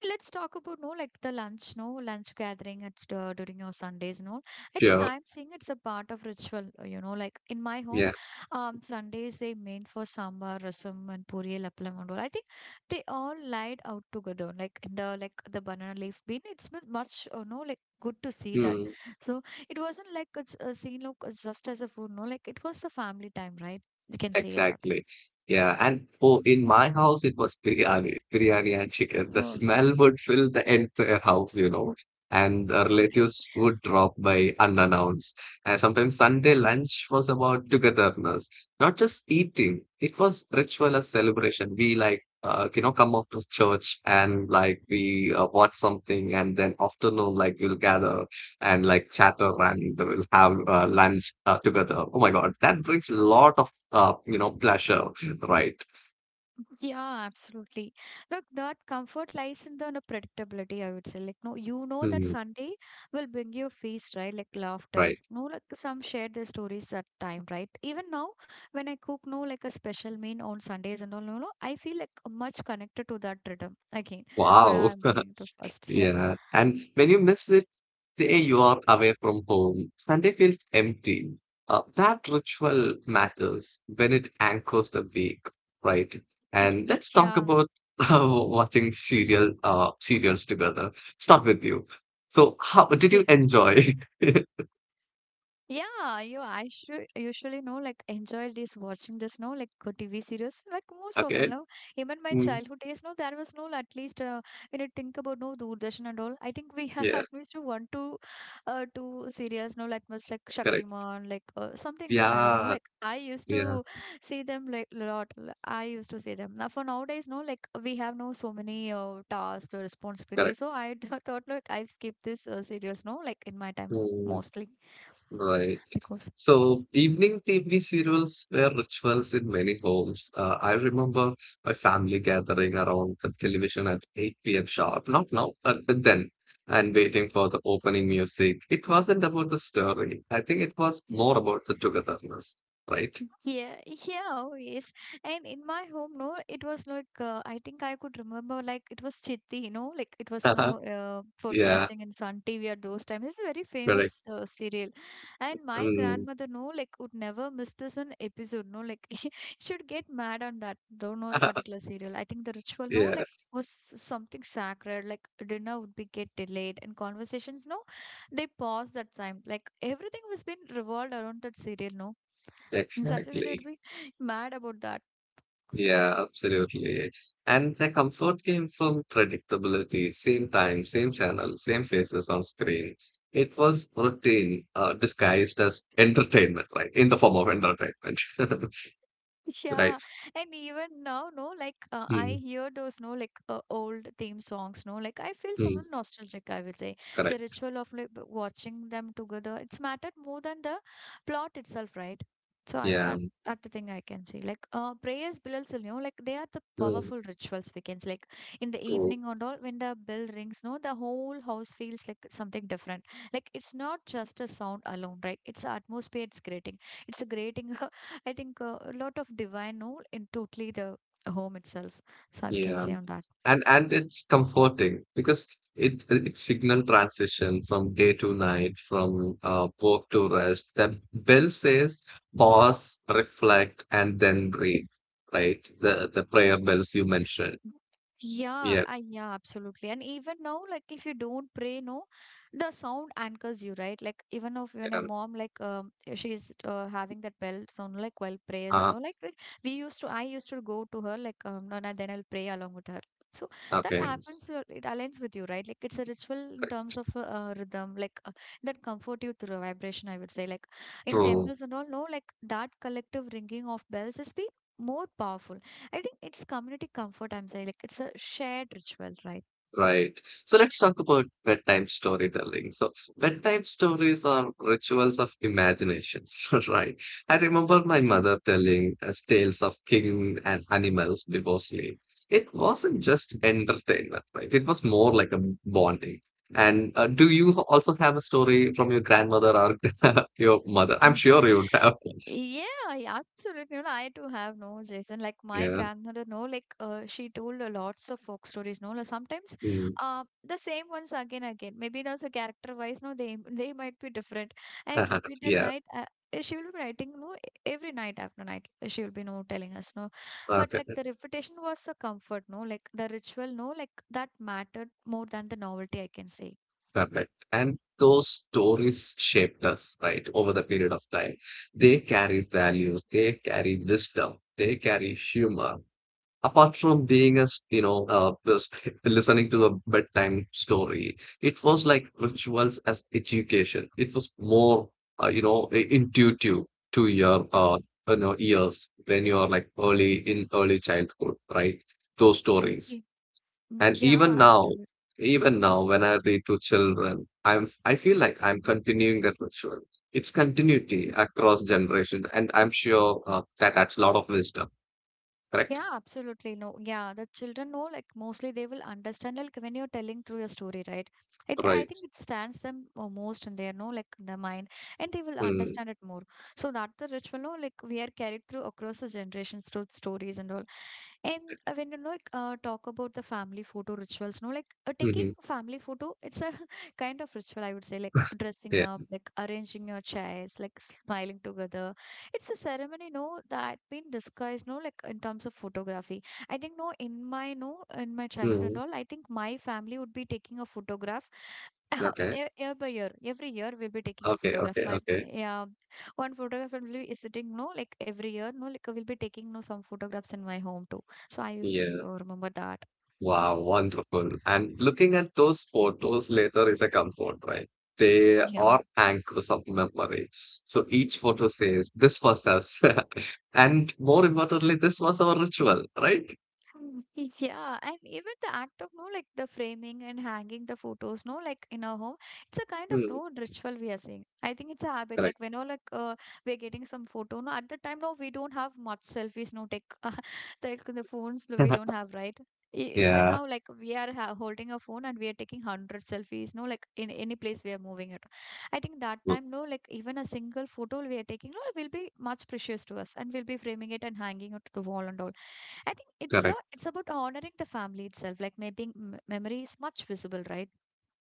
Let's talk about no like the lunch, no lunch gathering at during your Sundays and all. I think
Sure.
I'm seeing it's a part of ritual, you know, like in my home,
Yeah.
Sundays they made for sambar, rasam, and puri, lappalam, and all. I think they all lied out together, like in the like the banana leaf bin. It's been much, you know, like good to see that.
Hmm.
So it wasn't like it's a scene, look, it's just as a food, no, like it was a family time, right? You can say that.
Exactly. Yeah. And oh, in my house, it was biryani, biryani and chicken. The
Oh,
smell would fill the entire house, you know, and the
[LAUGHS] okay.
relatives would drop by unannounced. And sometimes Sunday lunch was about togetherness, not just eating. It was ritual, as celebration. We like, you know, come up to church and like we watch something, and then afternoon, like we'll gather and like chatter and they will have lunch together. Oh my God, that brings a lot of you know pleasure, right?
Yeah, absolutely. Look, that comfort lies in the you know, predictability, I would say. Like, no, you know that
Mhm,
Sunday will bring you a feast, right? Like laughter.
right.
No, like some shared their stories at time, right? Even now, when I cook, no, like a special meal on Sundays and all, no, I feel like much connected to that rhythm. Again, what
Wow.
I'm
[LAUGHS]
going to first. [LAUGHS]
Yeah. And when you miss it, say you are away from home, Sunday feels empty. That ritual matters when it anchors the week, right? And let's talk
Yeah.
about [LAUGHS] watching serials together. Start with you. So, how
[LAUGHS]
did
Yeah.
you enjoy? [LAUGHS]
Yeah, you I should usually know like enjoy this watching this no like good TV series like most often
Okay.
no even my
Mm.
childhood days no there was no at least when you think about no Doordarshan and all I think we [LAUGHS] have
Yeah,
at least one to two serials no like most like
correct.
Shaktiman like something kind of no
Yeah,
like I used
yeah,
to see them like a I used to see them now for nowadays no like we have no so many tasks or responsibilities
correct.
so I [LAUGHS] thought like I've skipped this serials no like in my time
Mm,
mostly
right.
because
So evening TV serials were rituals in many homes. I remember my family gathering around the television at 8 p.m. sharp, not now, but then, and waiting for the opening music. It wasn't about the story. I think it was more about the togetherness, right?
Yeah, [LAUGHS] yeah, always. And in my home, no, it was like I think I could remember like it was Chitti, you know, like it was
[LAUGHS]
no
Yeah,
forecasting and Sun TV at those times. It's a very
correct.
famous serial, and my
Mm.
grandmother, no, like would never miss this an episode, no, like [LAUGHS] she should get mad on that though, no
[LAUGHS]
particular serial. I think the ritual, no,
Yeah,
like was something sacred. Like dinner would be get delayed and conversations, no, they paused that time. Like everything was been revolved around that serial, no in such a way, they would
exactly.
be mad about that. Whatever.
Yeah, absolutely. And the comfort came from predictability, same time, same channel, same faces on screen. It was routine, disguised as entertainment, right? In the form of entertainment,
[LAUGHS]
[LAUGHS] right?
Yeah, and even now, no, like I
Mm,
hear those, no, like old theme songs, no, like I feel some
mm,
nostalgic, I would say. The
correct.
ritual of like watching them together, it's mattered more than the plot itself, right? So I,
Yeah.
that, that's the thing I can see. Like prayers, bells, you know, like they are the
Mm,
powerful rituals we can see. Like in the
true.
evening and all, when the bell rings, no, the whole house feels like something different. Like it's not just a sound alone, right? It's the atmosphere it's creating. It's creating [LAUGHS] I think a lot of divine role in totally the home itself. So I can
Yeah.
say on that.
And it's comforting because it signal transition from day to night, from work to rest. The bell says pause, reflect, and then breathe, right? The prayer bells you mentioned, yeah,
Yeah, absolutely. And even now, like if you don't pray, no, the sound anchors you, right? Like even if when a
yeah.
mom, like if she's having that bell sound, like while prayers and
Uh,
all, like we used to, I used to go to her, like and no, then I'll pray along with her. So that
okay,
happens, it aligns with you, right? Like it's a ritual in terms of rhythm, that comfort you through vibration. I would say, like in
true.
temples and all, no, like that collective ringing of bells has been more powerful I think it's community comfort, I'm saying. Like it's a shared ritual, right?
Right. So let's talk about bedtime storytelling. So bedtime stories are rituals of imaginations, [LAUGHS] right? I remember my
Yeah.
mother telling us tales of king and animals before sleep. It wasn't just entertainment, right? It was more like a bonding. And do you also have a story from your grandmother or [LAUGHS] your mother? I'm
[LAUGHS]
sure you would have.
Yeah, yeah, absolutely. You know, I too have no, Jason. Like my
Yeah.
grandmother, no, like she told a lots of folk stories, no. Like, sometimes
Mm.
the same ones again, again. Maybe now the character wise, no, they [LAUGHS] they might be different. And
[LAUGHS]
repeated
Yeah.
night, she will be writing, no, every night after night, she will be, no, telling us, no. But like
Okay.
the repetition was a comfort, no, like the ritual, no, like that mattered more than the novelty, I can say.
Correct. And those stories shaped us, right, over the period of time. They carried values, they carry wisdom, they carry humor. Apart from being a you know, just listening to a bedtime story, it was like rituals as education. It was more, you know, intuitive to your, you know, ears when you are like early in early childhood, right? Those stories.
Y-
And
Yeah, absolutely.
even now, when I read to children, I feel like I'm continuing that ritual. It's continuity across generations, and I'm sure that adds a lot of wisdom. Correct?
Yeah, absolutely. No, yeah, the children know, like, mostly they will understand, like, when you're telling through your story, right? It, I
Right.
think it stands them most in their, no, like, the mind, and they will
Mm-hmm.
understand it more. So that the ritual, no, like, we are carried through across the generations through stories and all. And when you know, like, talk about the family photo rituals, no, like, taking
Mm-hmm.
family photo, it's a [LAUGHS] kind of ritual, I would say, like, dressing
Yeah.
up, like, arranging your chairs, like, smiling together it's a ceremony no that been disguised no like in terms of photography I think no in my childhood
Mm-hmm.
and all I think my family would be taking a photograph [LAUGHS]
Okay.
year by year every year we'll be taking a
Okay.
photograph
Okay.
my
Okay.
yeah one photographer will be sitting no like every year no like we'll be taking no some photographs in my home too so I used to
Yeah.
remember that
Wow, wonderful. And looking at those photos later is a comfort, right? They
yeah
are anchors of memory. So each photo says, this was us. [LAUGHS] And more importantly, this was our ritual, right?
[LAUGHS] Mm, Yeah, and even the act of no, like the framing and hanging the photos, no, like in our home, it's a kind of
Mm,
no ritual we are seeing. I think it's a habit.
correct.
Like when no, we're getting some photo, no, at the time, no, we don't have much selfies, no, take [LAUGHS] like the phones, no, we don't
[LAUGHS]
have, right? Even
Yeah,
now, like we are ha holding a phone and we are taking hundred selfies, no, like in any place we are moving at. I think that
mm,
time, no, like even a single photo we are taking, no, will be much precious to us, and we'll be framing it and hanging it to the wall and all I think it's
correct.
not, it's about honoring the family itself. Like making memory is much visible, right?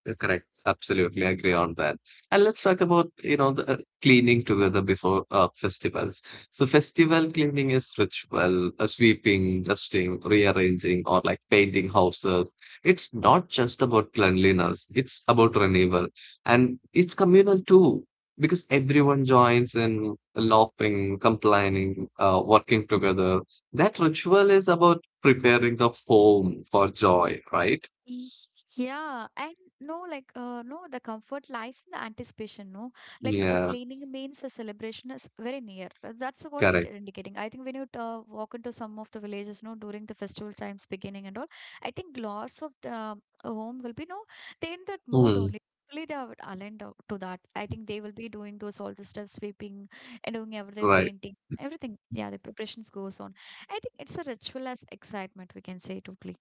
Correct. Absolutely agree on that. And let's talk about, you know, the cleaning together before festivals. So festival cleaning is ritual, sweeping, dusting, rearranging, or like painting houses. It's not just about cleanliness, it's about renewal. And it's communal too, because everyone joins in laughing, complaining, working together. That ritual is about preparing the home for joy,
Y-
right?
y- Yeah, and no, like, no, the comfort lies in the anticipation, no? Like,
Yeah,
cleaning means a celebration is very near. That's what in
correct.
indicating. I think when you walk into some of the villages, no, during the festival times beginning and all, I think lots of the home will be, no, they in that mood
Hmm.
only. Only They are aligned out to that. I think they will be doing those all the stuff, sweeping and doing everything,
Right.
painting, everything. Yeah, the preparations goes on. I think it's a ritual as excitement, we can say totally.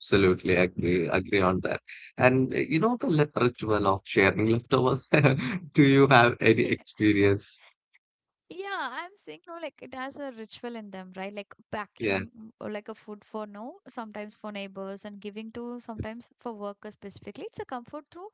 Absolutely agree on that. And you know the ritual of sharing leftovers. [LAUGHS] Do you have any
Yeah.
experience?
Yeah, I'm saying no, like it has a ritual in them, right? Like
Yeah.
packing or like a food for no, sometimes for neighbors, and giving to sometimes for workers specifically. It's a comfort through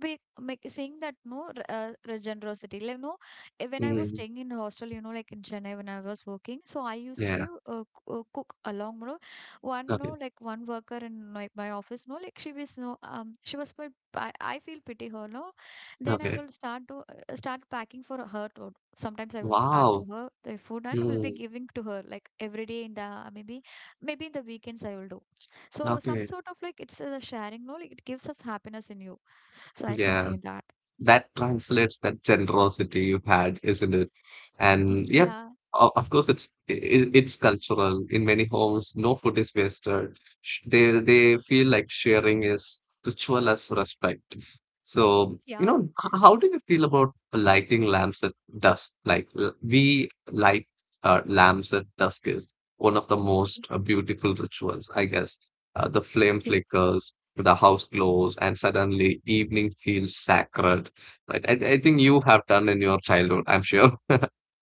be make seeing that no r- re- generosity. Like no, when I was
Mm,
staying in hostel, you know, like in Chennai when I was working, so I used to
yeah.
live, cook along. You know, one no,
Okay.
like one worker in my office, no, like she was no, she was my. I feel pity her, no. Then I
Okay.
will start to start packing for her sometimes I will pack for
Wow.
her the food and will be
Mm,
giving to her like every day in the maybe maybe in the weekends I will do. So some
okay.
sort of like it's a sharing, no, like it gives of happiness in you. So I can
Yeah.
say that.
That translates that generosity you had, isn't it? And yeah,
Yeah,
of course, it's cultural. In many homes, no food is wasted. They feel like sharing is ritual as respect. So, you
yeah,
know, how do you feel about lighting lamps at dusk? Like we light lamps at dusk is one of the most beautiful rituals, I guess. The flame
yeah.
flickers, the house glows, and suddenly evening feels sacred. Right, I think you have done in your childhood, I'm sure.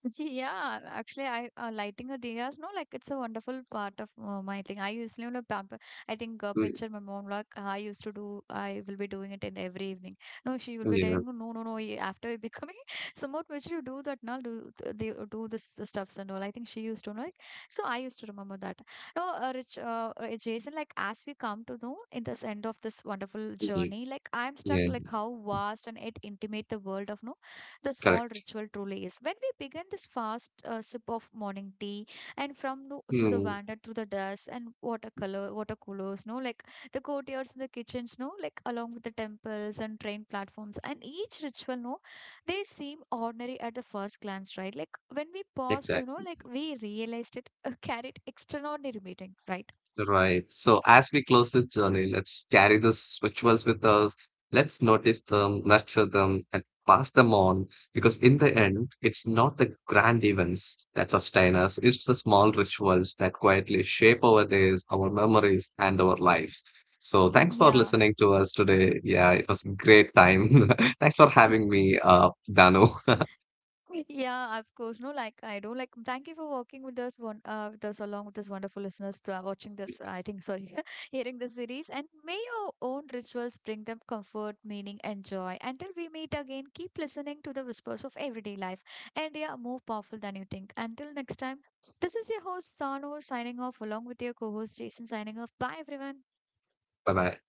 [LAUGHS] See, yeah, actually, I lighting a diyas, no, like it's a wonderful part of my thing. I usually, you know, pamper. I think
[LAUGHS] Mm,
pincher my mom like "Ah, I used to do. I will be doing it in every evening. No, she will be
yeah,
telling, no, no, no. no, you- After you becoming [LAUGHS] somewhat mature, you do that now. Do the do this the stuffs and all. I think she used to know. Like, so I used to remember that. No, Jason. Like as we come to know in this end of this wonderful
yeah,
journey, like I'm stuck.
yeah,
Like how vast and it intimate the world of no the small
correct.
ritual truly is. When we begin this fast sip of morning tea and from the, through the
Mm,
veranda, through the dust and water coolers, no, like the courtyards and the kitchens, no, like along with the temples and train platforms and each ritual, no, they seem ordinary at the first glance, right? Like when we paused, you know,
exactly.
like we realized it [LAUGHS] carried extraordinary meaning, right?
Right. So as we close this journey, let's carry these rituals with us. Let's notice them, nurture them, and pass them on. Because in the end, it's not the grand events that sustain us, it's the small rituals that quietly shape our days, our memories, and our lives. So thanks for
Yeah.
listening to us today. Yeah, it was a great time. [LAUGHS] Thanks for having me, Danu. [LAUGHS]
Yeah, of course. No, like I don't like. Thank you for working with us, along with us wonderful listeners to watching this. I think sorry, [LAUGHS] hearing this series. And may your own rituals bring them comfort, meaning, and joy. Until we meet again, keep listening to the whispers of everyday life, and they are more powerful than you think. Until next time, this is your host Sanu signing off along with your co-host Jason signing off. Bye, everyone.
Bye bye.